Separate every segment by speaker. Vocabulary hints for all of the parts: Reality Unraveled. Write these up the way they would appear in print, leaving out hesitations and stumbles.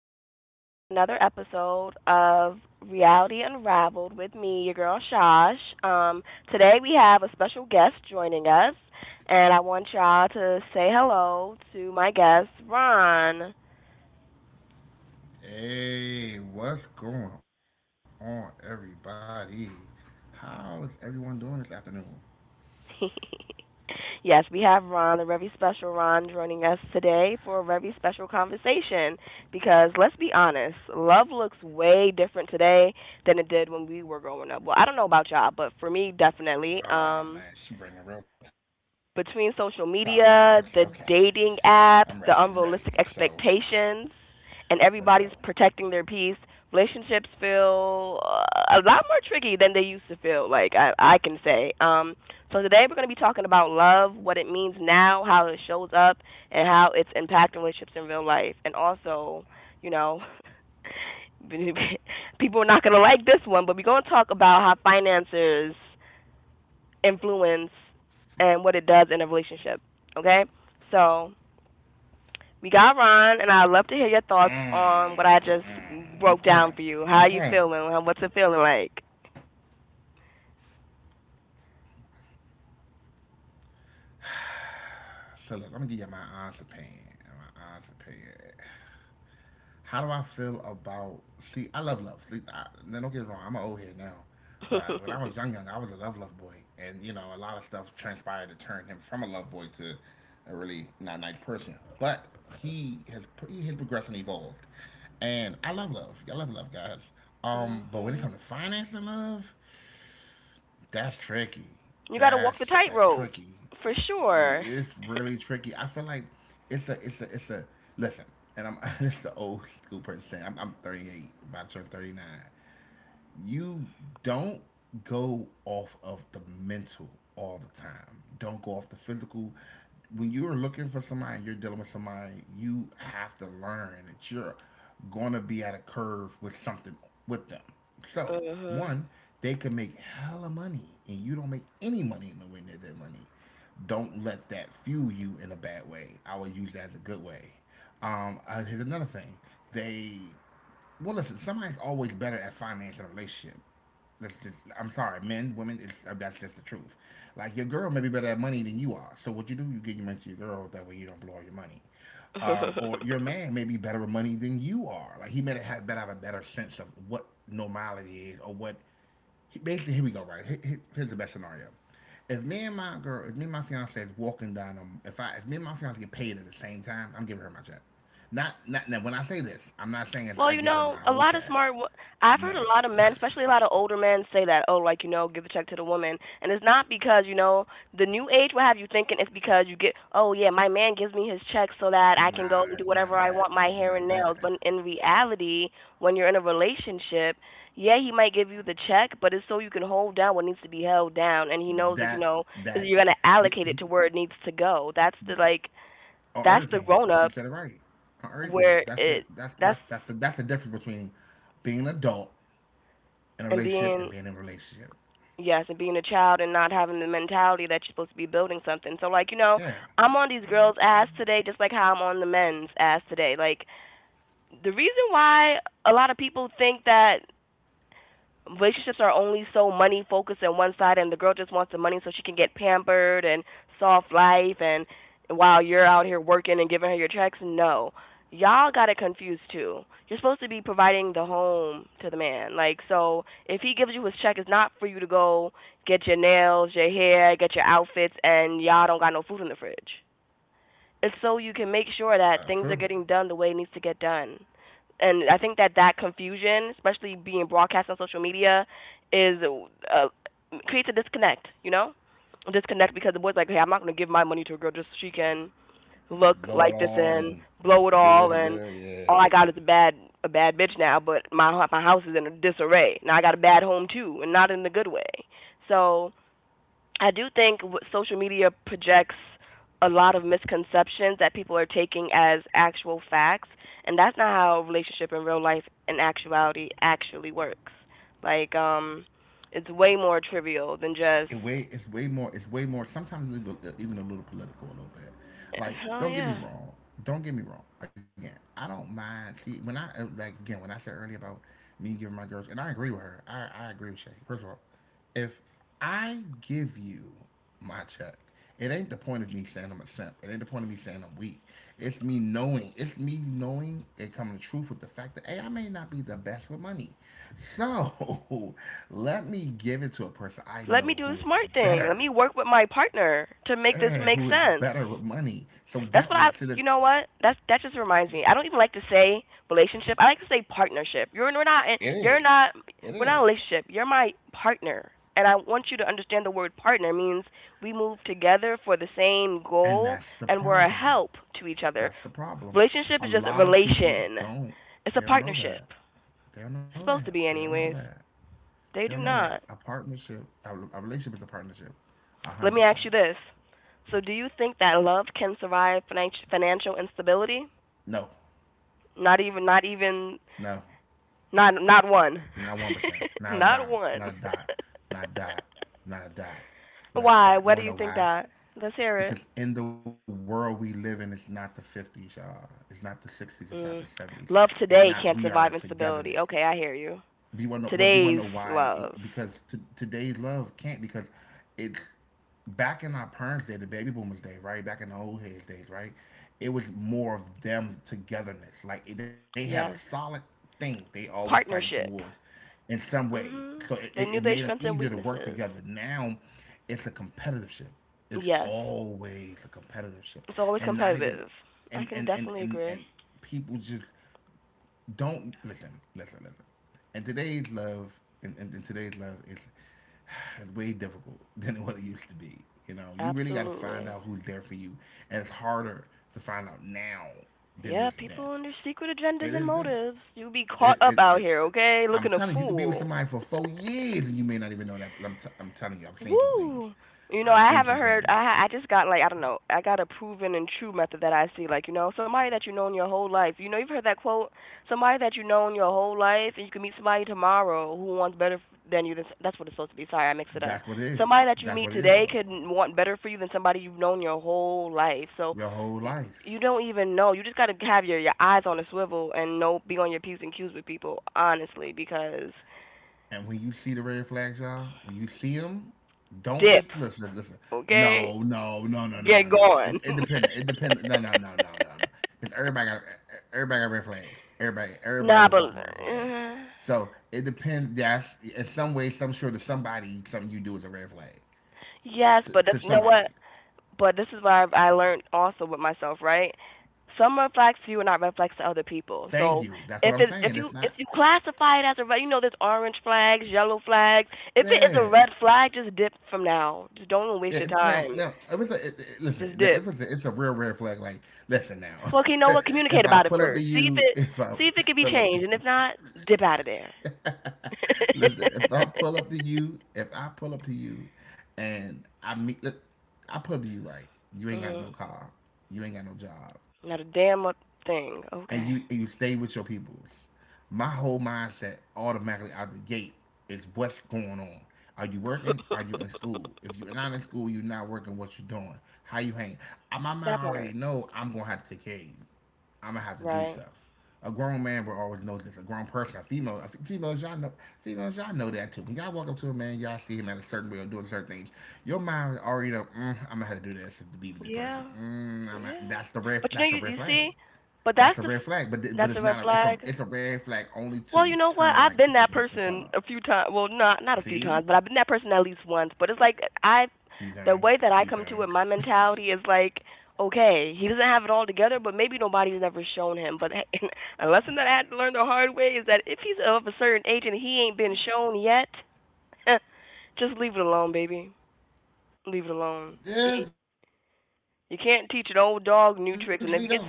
Speaker 1: welcome back to another episode of Reality Unraveled with me, your girl Shosh. Um, Today we have a special guest joining us, and I want y'all to say hello to my guest, Ron.
Speaker 2: Hey, what's going on, everybody? How is everyone doing this afternoon?
Speaker 1: Yes, we have Ron, a very special Ron, joining us today for a very special conversation, because let's be honest, love looks way different today than it did when we were growing up. Well, I don't know about y'all, but for me, definitely.
Speaker 2: Oh man, she bringing a real topic. Okay, okay, okay.
Speaker 1: Between social
Speaker 2: I'm ready. I'm
Speaker 1: media,
Speaker 2: ready.
Speaker 1: the
Speaker 2: So
Speaker 1: dating apps, the unrealistic
Speaker 2: let's go.
Speaker 1: expectations, and everybody's protecting their peace, relationships feel a lot more tricky than they used to feel. Like I can say. So today we're going to be talking about love, what it means now, how it shows up, and how it's impacting relationships in real life, and also, you know. People are not going to like this one, but we're going to talk about how finances influence and what it does in a relationship. Okay? So we got
Speaker 2: Mm,
Speaker 1: Ron, and I'd love to hear
Speaker 2: mm,
Speaker 1: your
Speaker 2: okay,
Speaker 1: thoughts on what I
Speaker 2: okay.
Speaker 1: just broke down for you. How are you feeling? What's it feeling like?
Speaker 2: So look, I'm gonna give you my honest opinion. My honest opinion. How do I feel about? See, I love love. See, I, now don't get me wrong. I'm an old head now, but when I was young, young, I was a love, love boy, and you know, a lot of stuff transpired to turn him from a love boy to a really not nice person. But he has he has progressed and evolved, and I love love. I love love, guys. But when it comes to
Speaker 1: Hmm.
Speaker 2: finance and love, that's tricky.
Speaker 1: You got
Speaker 2: That's
Speaker 1: to walk the
Speaker 2: that's
Speaker 1: tightrope
Speaker 2: tricky.
Speaker 1: for sure.
Speaker 2: It's really tricky. I feel like it's a listen, and I'm this is the old school person saying, I'm 38, about to turn 39. You don't go off of the mental all the time. Don't go off the physical. When you're looking for somebody, you're dealing with somebody, you have to learn that you're gonna be at a curve with something with them. So,
Speaker 1: hmm
Speaker 2: one, they can make hella money and you don't make any money nowhere near their money. Don't let that fuel you in a bad way. I would use that as a good way. Here's another thing. They well, listen, somebody's always better at financing a relationship. That's just, I'm sorry, men, women, it's, that's just the truth. Like, your girl may be better at money than you are. So, what you do, you give your money to your girl, that way you don't blow all your money. Or your man may be better with money than you are. Like, he may have a better sense of what normality is or what basically here we go, right? Here's the best scenario. If me and my girl if me and my fiance is walking down if me and my fiance get paid at the same time, I'm giving her my check. Not now, when I say this, I'm not saying it's
Speaker 1: Well,
Speaker 2: I
Speaker 1: you
Speaker 2: give her
Speaker 1: know,
Speaker 2: my
Speaker 1: a
Speaker 2: whole
Speaker 1: lot of
Speaker 2: check,
Speaker 1: smart. Wo- I've heard
Speaker 2: no.
Speaker 1: a lot of men, especially a lot of older men, say that, oh, like give a check to the woman, and it's not because the new age will have you thinking it's because you get, oh yeah, my man gives me his check so that I can
Speaker 2: nah
Speaker 1: go and do
Speaker 2: it's not
Speaker 1: whatever I
Speaker 2: that
Speaker 1: want, my
Speaker 2: it's
Speaker 1: hair
Speaker 2: not
Speaker 1: and
Speaker 2: that
Speaker 1: nails. But in reality, when you're in a relationship, yeah, he might give you the check, but it's so you can hold down what needs to be held down, and he knows that
Speaker 2: that
Speaker 1: is
Speaker 2: that
Speaker 1: you're gonna
Speaker 2: the,
Speaker 1: allocate
Speaker 2: he,
Speaker 1: it to where it needs to go. That's the like,
Speaker 2: on
Speaker 1: that's the
Speaker 2: everything,
Speaker 1: grown
Speaker 2: she
Speaker 1: up
Speaker 2: said it right. On everything,
Speaker 1: where it. That's
Speaker 2: that's the difference between being an adult in a
Speaker 1: and
Speaker 2: relationship and
Speaker 1: being.
Speaker 2: being in a relationship.
Speaker 1: Yes, and being a child and not having the mentality that you're supposed to be building something. So like,
Speaker 2: Yeah.
Speaker 1: I'm on these girls' ass today just like how I'm on the men's ass today. Like the reason why a lot of people think that relationships are only so money focused on one side, and the girl just wants the money so she can get pampered and soft life, and while you're out here working and giving her your checks, no, y'all got it confused too. You're supposed to be providing the home to the man. Like, so if he gives you his check, it's not for you to go get your nails, your hair, get your outfits, and y'all don't got no food in the fridge. It's so you can make sure that
Speaker 2: uh,
Speaker 1: things are
Speaker 2: true
Speaker 1: getting done the way it needs to get done. And I think that that confusion, especially being broadcast on social media, is uh, creates a disconnect. You know, a disconnect, because the boy's like, hey, I'm not gonna give my money to a girl just so she can look
Speaker 2: Blow it
Speaker 1: like this
Speaker 2: all
Speaker 1: and
Speaker 2: and
Speaker 1: blow it
Speaker 2: do this
Speaker 1: all,
Speaker 2: and do
Speaker 1: and
Speaker 2: that. Yeah,
Speaker 1: all I got is a bad bitch now, but my house is in a disarray. Now I got a bad home too, and not in a good way. So I do think social media projects a lot of misconceptions that people are taking as actual facts, and that's not how a relationship in real life in actuality actually works. Like, it's way more trivial than just,
Speaker 2: it's way more. Sometimes it's even even a little political, a little bit. Like
Speaker 1: oh
Speaker 2: don't get me
Speaker 1: yeah,
Speaker 2: wrong. Don't get me wrong. Again, I don't mind. See, when I like again when I said earlier about me giving my girls, and I agree with her. I agree with Shay. First of all, if I give you my check. It ain't the point of me saying I'm a simp. It ain't the point of me saying I'm weak. It's me knowing. It's me knowing and coming to truth with the fact that hey, I may not be the best with money. So let me give it to a person I
Speaker 1: let me
Speaker 2: know
Speaker 1: do the
Speaker 2: who is
Speaker 1: smart thing. Let
Speaker 2: better.
Speaker 1: me work with my partner to make this
Speaker 2: eh,
Speaker 1: make
Speaker 2: who is
Speaker 1: sense.
Speaker 2: better with money. So
Speaker 1: That's
Speaker 2: that
Speaker 1: what
Speaker 2: way
Speaker 1: I.
Speaker 2: to the
Speaker 1: You know what? That's that just reminds me. I don't even like to say relationship. I like to say partnership. You're we're not.
Speaker 2: it
Speaker 1: You're
Speaker 2: is.
Speaker 1: not.
Speaker 2: It
Speaker 1: We're not
Speaker 2: is.
Speaker 1: a relationship. You're my partner, and I want you to understand the word partner means we move together for the same
Speaker 2: And
Speaker 1: goal,
Speaker 2: that's the
Speaker 1: and we're a
Speaker 2: problem.
Speaker 1: help to each other.
Speaker 2: That's the problem.
Speaker 1: Relationship
Speaker 2: A
Speaker 1: is just a
Speaker 2: lot of people
Speaker 1: relation.
Speaker 2: don't.
Speaker 1: It's a
Speaker 2: They don't know
Speaker 1: partnership.
Speaker 2: that. They don't know
Speaker 1: It's
Speaker 2: that.
Speaker 1: supposed to
Speaker 2: They
Speaker 1: be,
Speaker 2: don't know
Speaker 1: anyways.
Speaker 2: that. They don't
Speaker 1: They do
Speaker 2: know that
Speaker 1: not.
Speaker 2: a partnership, a relationship is a partnership, a hundred
Speaker 1: Let me
Speaker 2: percent.
Speaker 1: ask you this. So, do you think that love can survive financial instability?
Speaker 2: No,
Speaker 1: Not even, not even.
Speaker 2: no,
Speaker 1: Not one.
Speaker 2: not 1%, not a
Speaker 1: Not
Speaker 2: dot,
Speaker 1: one.
Speaker 2: not a dot, not a dot, not a dot, not a dot.
Speaker 1: Why?
Speaker 2: You
Speaker 1: Why
Speaker 2: want to
Speaker 1: do
Speaker 2: know
Speaker 1: you
Speaker 2: why?
Speaker 1: think that? Let's hear
Speaker 2: Because
Speaker 1: it.
Speaker 2: in the world we live in, it's not the 50s, y'all. It's not the 60s. It's not the 70s.
Speaker 1: Mm.
Speaker 2: It's
Speaker 1: Love
Speaker 2: not we
Speaker 1: today
Speaker 2: are
Speaker 1: can't survive
Speaker 2: togetherness.
Speaker 1: instability. Okay, I hear you.
Speaker 2: But you want to know, but you want to know
Speaker 1: Today's
Speaker 2: why?
Speaker 1: love.
Speaker 2: It, because today's love can't because it's back in our parents' day, the baby boomers' day, right? Back in the old heads days, right? It was more of them togetherness. Like they had a
Speaker 1: Yes.
Speaker 2: solid thing they always fighting towards
Speaker 1: Partnership.
Speaker 2: in some way. So
Speaker 1: Mhm.
Speaker 2: it, it,
Speaker 1: They
Speaker 2: it
Speaker 1: knew
Speaker 2: made
Speaker 1: their
Speaker 2: them
Speaker 1: strengths and
Speaker 2: easier to work
Speaker 1: weaknesses.
Speaker 2: together. Now it's a competitive ship. It's
Speaker 1: Yes.
Speaker 2: always a competitive ship.
Speaker 1: It's always
Speaker 2: And not even
Speaker 1: competitive. I
Speaker 2: and
Speaker 1: can
Speaker 2: and and
Speaker 1: definitely
Speaker 2: and,
Speaker 1: agree.
Speaker 2: and people just don't listen, listen, listen. And today's love, and today's love is it's way difficult than what it used to be. You know, you really got to find
Speaker 1: Absolutely.
Speaker 2: out who's there for you, and it's harder to find out now than it
Speaker 1: Yeah,
Speaker 2: is then.
Speaker 1: people and their secret
Speaker 2: It
Speaker 1: agendas and
Speaker 2: is then.
Speaker 1: motives. You be caught
Speaker 2: It
Speaker 1: up
Speaker 2: it,
Speaker 1: out
Speaker 2: it
Speaker 1: here, okay?
Speaker 2: I'm
Speaker 1: Looking a
Speaker 2: telling you, you could be with
Speaker 1: fool.
Speaker 2: somebody for 4 years and you may not even know that. But I'm telling you, I've seen some things.
Speaker 1: Woo! You know,
Speaker 2: I've
Speaker 1: I
Speaker 2: seen
Speaker 1: haven't
Speaker 2: some
Speaker 1: heard.
Speaker 2: things.
Speaker 1: I just got like, I don't know. I got a proven and true method that I see. Like, you know, somebody that you known your whole life. You know, you've heard that quote. Somebody that you known your whole life, and you can meet somebody tomorrow who wants better than you. That's what it's supposed to be. Sorry, I mixed it up.
Speaker 2: That's what it is.
Speaker 1: Somebody that you
Speaker 2: That's what
Speaker 1: meet
Speaker 2: it is,
Speaker 1: today
Speaker 2: though.
Speaker 1: could want better for you than somebody you've known your whole life. So
Speaker 2: Your whole
Speaker 1: y-
Speaker 2: life.
Speaker 1: you don't even know. You just got to have your eyes on a swivel and know, be on your p's and q's with people honestly, because
Speaker 2: And when you see the red flags, y'all, when you see them, don't
Speaker 1: dip.
Speaker 2: just listen. Listen, listen.
Speaker 1: Okay,
Speaker 2: No, no, no, no, no, no,
Speaker 1: get
Speaker 2: no, no. It,
Speaker 1: going.
Speaker 2: it depends. It depends. No, no, no, no, no, no. Because everybody got red flags. Everybody, everybody's
Speaker 1: Nah,
Speaker 2: a
Speaker 1: but
Speaker 2: walking red flag.
Speaker 1: uh,
Speaker 2: So it depends. That's in some way, some sure to somebody, something you do is a red flag
Speaker 1: yes, but
Speaker 2: to
Speaker 1: that's, you know what.
Speaker 2: somebody.
Speaker 1: But this is what I've- I learned also with myself, right? Some red flags to you are not red flags to other people.
Speaker 2: Thank
Speaker 1: So
Speaker 2: you. That's what
Speaker 1: if
Speaker 2: I'm
Speaker 1: it
Speaker 2: saying. That's not.
Speaker 1: if you classify it as a red, you know, there's orange flags, yellow flags. If it is a
Speaker 2: Yeah.
Speaker 1: red flag, just dip from now. Just don't even
Speaker 2: Yeah,
Speaker 1: waste your
Speaker 2: if- now,
Speaker 1: time.
Speaker 2: now, if it's listen,
Speaker 1: Just
Speaker 2: now,
Speaker 1: dip.
Speaker 2: if it's a real red flag, like, listen now,
Speaker 1: Well, okay, you know what? Communicate
Speaker 2: if I
Speaker 1: about it
Speaker 2: pull up to
Speaker 1: first.
Speaker 2: you, if I
Speaker 1: See if it can be
Speaker 2: pull up to
Speaker 1: changed, and if not, dip out of there.
Speaker 2: you, listen, if I pull up to you, if I pull up to you, and I meet, look, I pull up to you, right? You ain't got no
Speaker 1: Mhm.
Speaker 2: car, you ain't got no job,
Speaker 1: Not a damn a thing.
Speaker 2: and you
Speaker 1: Okay.
Speaker 2: and you stay with your people. My whole mindset automatically out the gate is what's going on. Are you working? Are you in school? If you're not in school, you're not working. What you doing? How you hang? My
Speaker 1: That
Speaker 2: mind already
Speaker 1: part,
Speaker 2: know I'm gonna have to take care of you. I'm gonna have to do
Speaker 1: right?
Speaker 2: stuff. A grown man will always know this. A grown person, a female, females y'all know that too. When y'all walk up to a man, y'all see him at a certain way or doing certain things. Your mind already know. Mm, I'm gonna have to do this to be with this person.
Speaker 1: Yeah.
Speaker 2: Mm, I'm going
Speaker 1: Yeah.
Speaker 2: that's the red.
Speaker 1: But you know,
Speaker 2: That's the
Speaker 1: you
Speaker 2: red
Speaker 1: you see,
Speaker 2: flag.
Speaker 1: but
Speaker 2: That's
Speaker 1: that's
Speaker 2: a red flag, but
Speaker 1: that's a
Speaker 2: it's
Speaker 1: red
Speaker 2: not a it's a
Speaker 1: flag.
Speaker 2: it's a red flag only
Speaker 1: Well,
Speaker 2: to
Speaker 1: you know what?
Speaker 2: turn
Speaker 1: I've
Speaker 2: like to a
Speaker 1: been that
Speaker 2: different color.
Speaker 1: person a few times. Well, not not a few
Speaker 2: See,
Speaker 1: times, but I've been that person at least once. But it's like I,
Speaker 2: a few
Speaker 1: the
Speaker 2: times,
Speaker 1: way that
Speaker 2: a
Speaker 1: I
Speaker 2: few
Speaker 1: come to it,
Speaker 2: times.
Speaker 1: my mentality is like, okay, he doesn't have it all together, but maybe nobody's ever shown him. But a lesson that I had to learn the hard way is that if he's of a certain age and he ain't been shown yet, just leave it alone, baby. Leave it
Speaker 2: Yeah,
Speaker 1: alone.
Speaker 2: just leave that
Speaker 1: He,
Speaker 2: alone. Leave that alone,
Speaker 1: you can't
Speaker 2: please.
Speaker 1: teach an old dog new tricks, and if he gets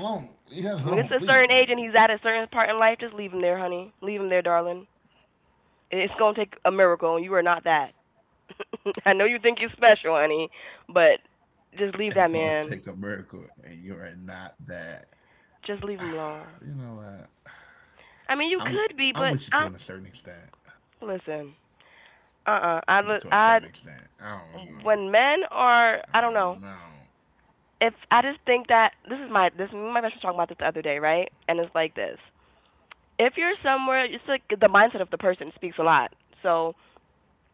Speaker 1: when he gets to a certain age and he's at a certain part in life, just leave him there, honey. Leave him there, darling. It's gonna take a miracle, and you are not that. I know you think you're special, honey,
Speaker 2: It's
Speaker 1: but
Speaker 2: gonna take a
Speaker 1: just leave that
Speaker 2: miracle, and
Speaker 1: man.
Speaker 2: you are not that.
Speaker 1: Just
Speaker 2: You
Speaker 1: leave
Speaker 2: know
Speaker 1: him alone.
Speaker 2: what? I'm with-
Speaker 1: I mean, you
Speaker 2: I'm with you
Speaker 1: could
Speaker 2: to
Speaker 1: be,
Speaker 2: a
Speaker 1: but
Speaker 2: certain
Speaker 1: I.
Speaker 2: extent.
Speaker 1: Listen. Uh, uh
Speaker 2: I'm
Speaker 1: I,
Speaker 2: to a
Speaker 1: li-
Speaker 2: certain
Speaker 1: I,
Speaker 2: extent, I don't know.
Speaker 1: when men are,
Speaker 2: I
Speaker 1: I don't know.
Speaker 2: don't know.
Speaker 1: If I just think that this, me and my best friend was talking about this the other day, right? And it's like this. If you're somewhere, it's like the mindset of the person speaks a lot. So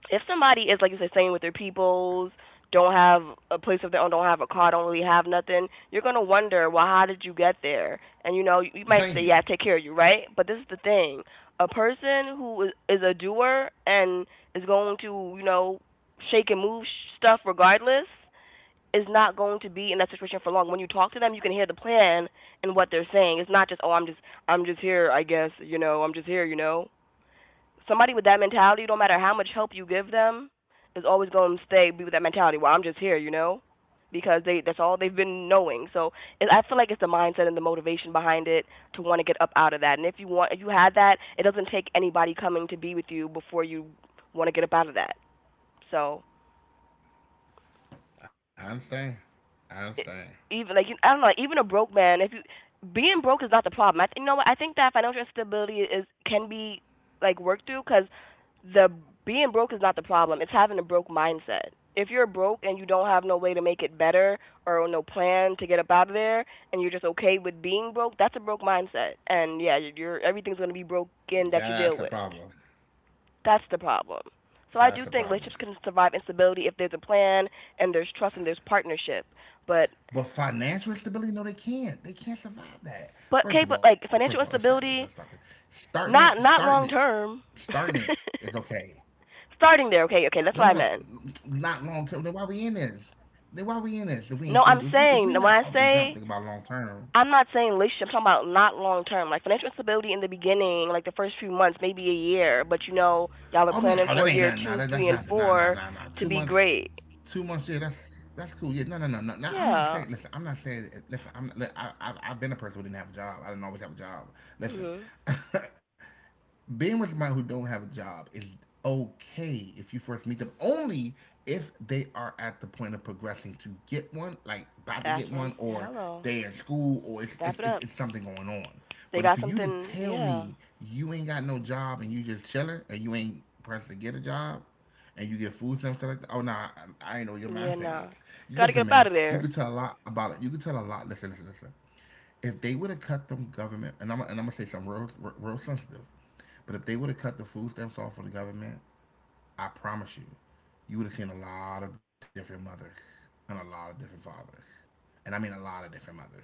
Speaker 1: if somebody is, like you said, staying with their peoples, don't have a place of their own, don't have a car, don't really have nothing, you're gonna wonder, well, how did you get there? And you know, you might say,
Speaker 2: Thank
Speaker 1: yeah, I
Speaker 2: you.
Speaker 1: take care of you, right? But this is the thing: a person who is a doer and is going to, you know, shake and move stuff regardless is not going to be in that situation for long. When you talk to them, you can hear the plan and what they're saying. It's not just, oh, I'm just, I'm just here, I guess, you know, I'm just here, you know. Somebody with that mentality, no matter how much help you give them, is always going to stay be with that mentality. Well, I'm just here, you know, because they that's all they've been knowing. So it, I feel like it's the mindset and the motivation behind it to want to get up out of that. And if you want, if you had that, it doesn't take anybody coming to be with you before you want to get up out of that. So
Speaker 2: I understand. I understand.
Speaker 1: even like you- I don't know, like, even a broke man, if you being broke is not the problem. You know what? I think that financial instability is can be like worked through, because the being broke is not the problem. It's having a broke mindset. If you're broke and you don't have no way to make it better or no plan to get up out of there, and you're just okay with being broke, that's a broke mindset. And yeah, you're everything's gonna be broken that you
Speaker 2: That's
Speaker 1: deal
Speaker 2: a
Speaker 1: with.
Speaker 2: problem.
Speaker 1: That's the problem. So I
Speaker 2: That's
Speaker 1: do
Speaker 2: a
Speaker 1: think
Speaker 2: problem.
Speaker 1: relationships can survive instability if there's a plan and there's trust and there's partnership. But
Speaker 2: But financial stability, no, they can't. They can't survive that.
Speaker 1: But okay, but like
Speaker 2: First of all,
Speaker 1: financial
Speaker 2: let's start this. Let's
Speaker 1: instability,
Speaker 2: start this. Starting it,
Speaker 1: not
Speaker 2: starting it,
Speaker 1: long term.
Speaker 2: starting it is okay.
Speaker 1: Starting there, okay,
Speaker 2: No, no,
Speaker 1: okay, that's
Speaker 2: no,
Speaker 1: what I meant.
Speaker 2: not long term. Then why we in this? Then why we in this? If we ain't,
Speaker 1: No, I'm
Speaker 2: if we
Speaker 1: saying
Speaker 2: not
Speaker 1: when I
Speaker 2: off the jump, think
Speaker 1: say
Speaker 2: about long term.
Speaker 1: I'm not saying relationship, I'm talking about not long term. Like financial instability in the beginning, like the first few months, maybe a year, but you know, y'all
Speaker 2: Oh
Speaker 1: are
Speaker 2: no,
Speaker 1: planning
Speaker 2: oh, that
Speaker 1: for
Speaker 2: ain't
Speaker 1: year
Speaker 2: nothing. Nah,
Speaker 1: two,
Speaker 2: that's
Speaker 1: three, and
Speaker 2: nothing. Nah, nah,
Speaker 1: four
Speaker 2: nah, nah.
Speaker 1: to be great.
Speaker 2: 2 months. Yeah, that's cool. Yeah, no, no, no, no. Now I'm not
Speaker 1: Yeah.
Speaker 2: saying. Listen, I'm not saying. Listen, I'm. Look, I've been a person who didn't have a job. I didn't always have a job. Listen,
Speaker 1: Mhm.
Speaker 2: being with people who don't have a job is okay if you first meet them, only if they are at the point of progressing to get one, like about to
Speaker 1: That's
Speaker 2: get
Speaker 1: what I'm
Speaker 2: one,
Speaker 1: saying.
Speaker 2: or
Speaker 1: Hello.
Speaker 2: they are in school, or it's,
Speaker 1: Snap it up.
Speaker 2: something going on.
Speaker 1: They
Speaker 2: But for
Speaker 1: got
Speaker 2: you to
Speaker 1: something.
Speaker 2: tell
Speaker 1: Yeah.
Speaker 2: me you ain't got no job and you just chilling and you ain't pressed to get a job and you get food stamps like that. Oh no, nah, I ain't know what your
Speaker 1: Yeah.
Speaker 2: mindset is.
Speaker 1: Nah. Gotta get
Speaker 2: Listen,
Speaker 1: up out
Speaker 2: man,
Speaker 1: of
Speaker 2: you
Speaker 1: there.
Speaker 2: could tell a lot about it. You could tell a lot. Listen, listen, listen, if they would have cut them government, and I'm gonna say something real, real, sensitive, but if they would have cut the food stamps off for the government, I promise you, you would have seen a lot of different mothers and a lot of different fathers, and I mean a lot of different mothers,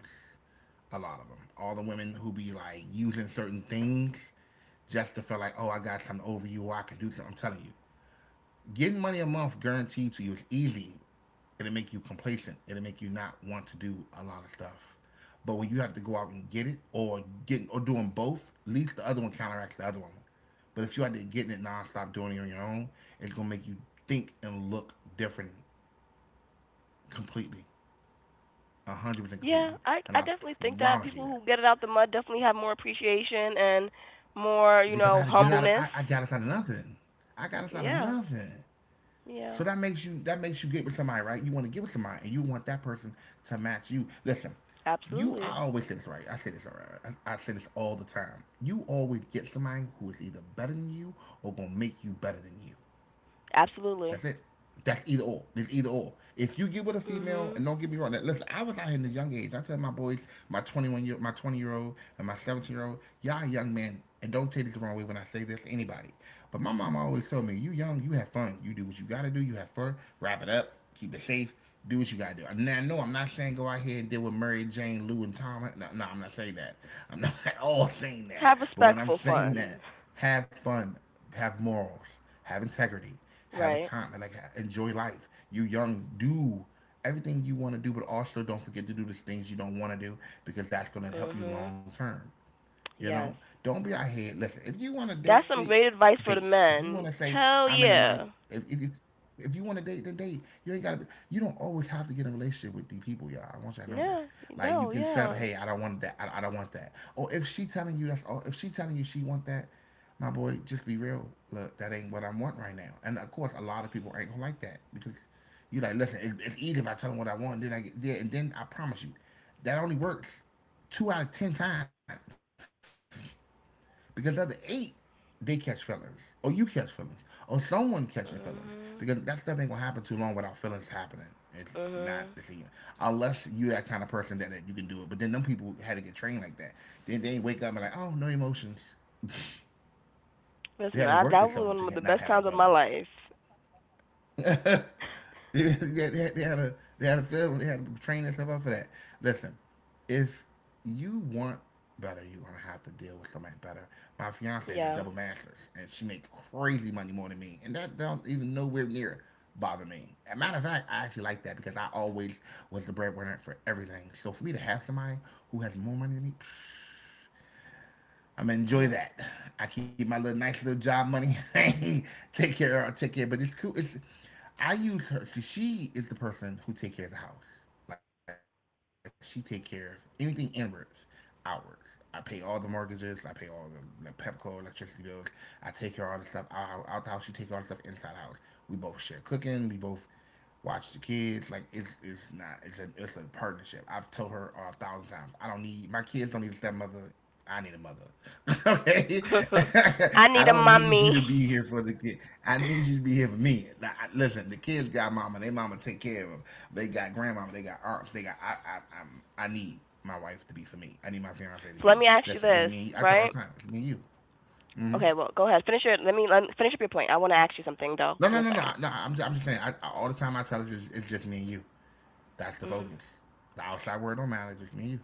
Speaker 2: a lot of them. All the women who be like using certain things just to feel like, oh, I got something over you, or I can do something. I'm telling you, getting money a month guaranteed to you is easy. It'll make you complacent. It'll make you not want to do a lot of stuff. But when you have to go out and get it, or getting or doing both, at least the other one counteracts the other one. But if you had to getting it nonstop, doing it on your own, it's gonna make you think and look different completely, 100%
Speaker 1: Yeah,
Speaker 2: completely.
Speaker 1: I
Speaker 2: And
Speaker 1: I
Speaker 2: I
Speaker 1: definitely think that
Speaker 2: promise you
Speaker 1: people
Speaker 2: that
Speaker 1: who get it out the mud definitely have more appreciation and more, you
Speaker 2: because I had to
Speaker 1: know,
Speaker 2: get it out. Of, I,
Speaker 1: humbleness.
Speaker 2: I got us out of nothing. I got us out of
Speaker 1: Yeah.
Speaker 2: nothing. So
Speaker 1: Yeah.
Speaker 2: that makes you get with somebody, right? You want to get with somebody, and you want that person to match you. Listen, you I
Speaker 1: Absolutely.
Speaker 2: always say this right. I say this right. I say this all the time. You always get somebody who is either better than you or gonna make you better than you.
Speaker 1: Absolutely.
Speaker 2: That's it. That's either or. It's either or. If you get with a female,
Speaker 1: Mhm.
Speaker 2: and don't get me wrong, that, listen, I was out here in the young age. I tell my boys, my 20-year old, and my 17-year old, y'all young men, and don't take it the wrong way when I say this to anybody. But my mom always told me, you young, you have fun. You do what you gotta do. You have fun. Wrap it up. Keep it safe. Do what you gotta do. And I know I'm not saying go out here and deal with Mary Jane, Lou, and Tom. No, no, I'm not saying that. I'm not at all saying that.
Speaker 1: Have
Speaker 2: But when I'm
Speaker 1: respectful
Speaker 2: saying
Speaker 1: fun.
Speaker 2: that, have fun. Have morals, have integrity. Have a
Speaker 1: Right.
Speaker 2: time and like enjoy life. You young, do everything you want to do, but also don't forget to do the things you don't want to do because that's going to help you
Speaker 1: Mhm.
Speaker 2: long term. You know,
Speaker 1: Yes.
Speaker 2: don't be out here. Listen, if you want to date,
Speaker 1: That's some great advice
Speaker 2: date.
Speaker 1: for the
Speaker 2: If you want to say
Speaker 1: men.
Speaker 2: I'm in
Speaker 1: Hell
Speaker 2: the mic,
Speaker 1: yeah.
Speaker 2: if if if, if you want to date, then date. You ain't gotta. You don't always have to get in a relationship with these people, y'all. I want y'all to know this.
Speaker 1: Yeah.
Speaker 2: Like you
Speaker 1: No,
Speaker 2: can set up,
Speaker 1: yeah.
Speaker 2: hey, I don't want that. I don't want that. Or if she telling you that, or if she telling you she want that, my boy, just be real. Look, that ain't what I want right now. And of course, a lot of people ain't gonna like that because you like, listen, it's easy if I tell them what I want, then I get there, and then I promise you, that only works two out of 10 times. Because the other eight, they catch feelings. Or you catch feelings. Or someone catching feelings. Because that
Speaker 1: Mhm.
Speaker 2: stuff ain't gonna happen too long without feelings happening. It's not
Speaker 1: Mhm.
Speaker 2: the thing. Unless you that kind of person that, that you can do it. But then them people had to get trained like that. Then they wake up and like, oh, no emotions. They
Speaker 1: Listen,
Speaker 2: had to
Speaker 1: I,
Speaker 2: work
Speaker 1: that was
Speaker 2: themselves
Speaker 1: one of
Speaker 2: into
Speaker 1: the
Speaker 2: not
Speaker 1: best
Speaker 2: having
Speaker 1: times of my
Speaker 2: feelings.
Speaker 1: life.
Speaker 2: They had to train and stuff up for that. Listen, if you want better, you're gonna have to deal with somebody better. My fiance is a
Speaker 1: Yeah.
Speaker 2: double master's, and she makes crazy money more than me, and that don't even nowhere near bother me. As a matter of fact, I actually like that because I always was the breadwinner for everything. So for me to have somebody who has more money than me, I'm gonna
Speaker 1: Mhm.
Speaker 2: enjoy that. I keep my little nice little job money. Take care of her, take care. But it's cool. I use her. To, She is the person who take care of the house. Like she take care of anything inwards, outwards. I pay all the mortgages. I pay all the Pepco electricity bills. I take care of all the stuff out the house. She take all the stuff inside the house. We both share cooking. We both watch the kids. Like it's not it's a it's a partnership. I've told her 1,000 times. I don't need my kids don't need a stepmother. I need a mother. Okay,
Speaker 1: I
Speaker 2: I
Speaker 1: need a
Speaker 2: don't need you
Speaker 1: mommy.
Speaker 2: to be here for the kid. I need you to be here for me. Now, listen, the kids got mama. They mama take care of them. They got grandmama. They got aunts. They got I need my wife to be for me. I need my fiance to
Speaker 1: So let
Speaker 2: be.
Speaker 1: me ask you
Speaker 2: Listen, it's
Speaker 1: this,
Speaker 2: me. I tell her all
Speaker 1: right?
Speaker 2: the time. It's me and you.
Speaker 1: Okay, well, go ahead. Finish your. Let me finish up your point. I want to ask you something though
Speaker 2: No,
Speaker 1: in
Speaker 2: no,
Speaker 1: a
Speaker 2: no,
Speaker 1: second.
Speaker 2: no, no. I'm just saying. All the time I tell her, it's just me and you. That's the
Speaker 1: Mm-hmm.
Speaker 2: focus. The outside world don't matter, just me and you.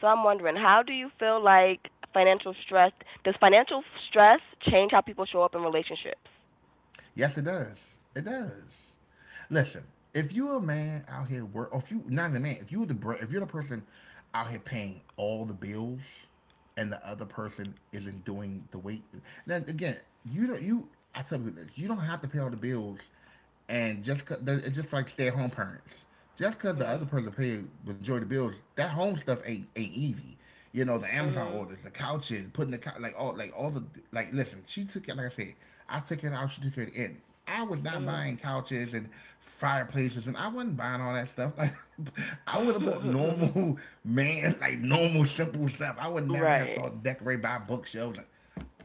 Speaker 1: So I'm wondering, how do you feel like financial stress? Does financial stress change how people show up in relationships?
Speaker 2: Yes, it does. It does. Listen, if you're a man out here work, or if you not the man, if you the if you're the person out here paying all the bills, and the other person isn't doing the weight. Then again, you don't you. I tell you this: you don't have to pay all the bills, and just it's just like stay at home parents. Just because the
Speaker 1: Mhm.
Speaker 2: other person paid majority of the bills, that home stuff ain't easy. You know, the Amazon
Speaker 1: Mhm.
Speaker 2: orders, the couches, putting the like all the. Listen, she took it like I said. I took it out. She took it in. I was not
Speaker 1: Mhm.
Speaker 2: buying couches and fireplaces, and I wasn't buying all that stuff. Like, I would have bought normal man, like normal simple stuff. I would never have
Speaker 1: right.
Speaker 2: thought decorate buy bookshelves. Like,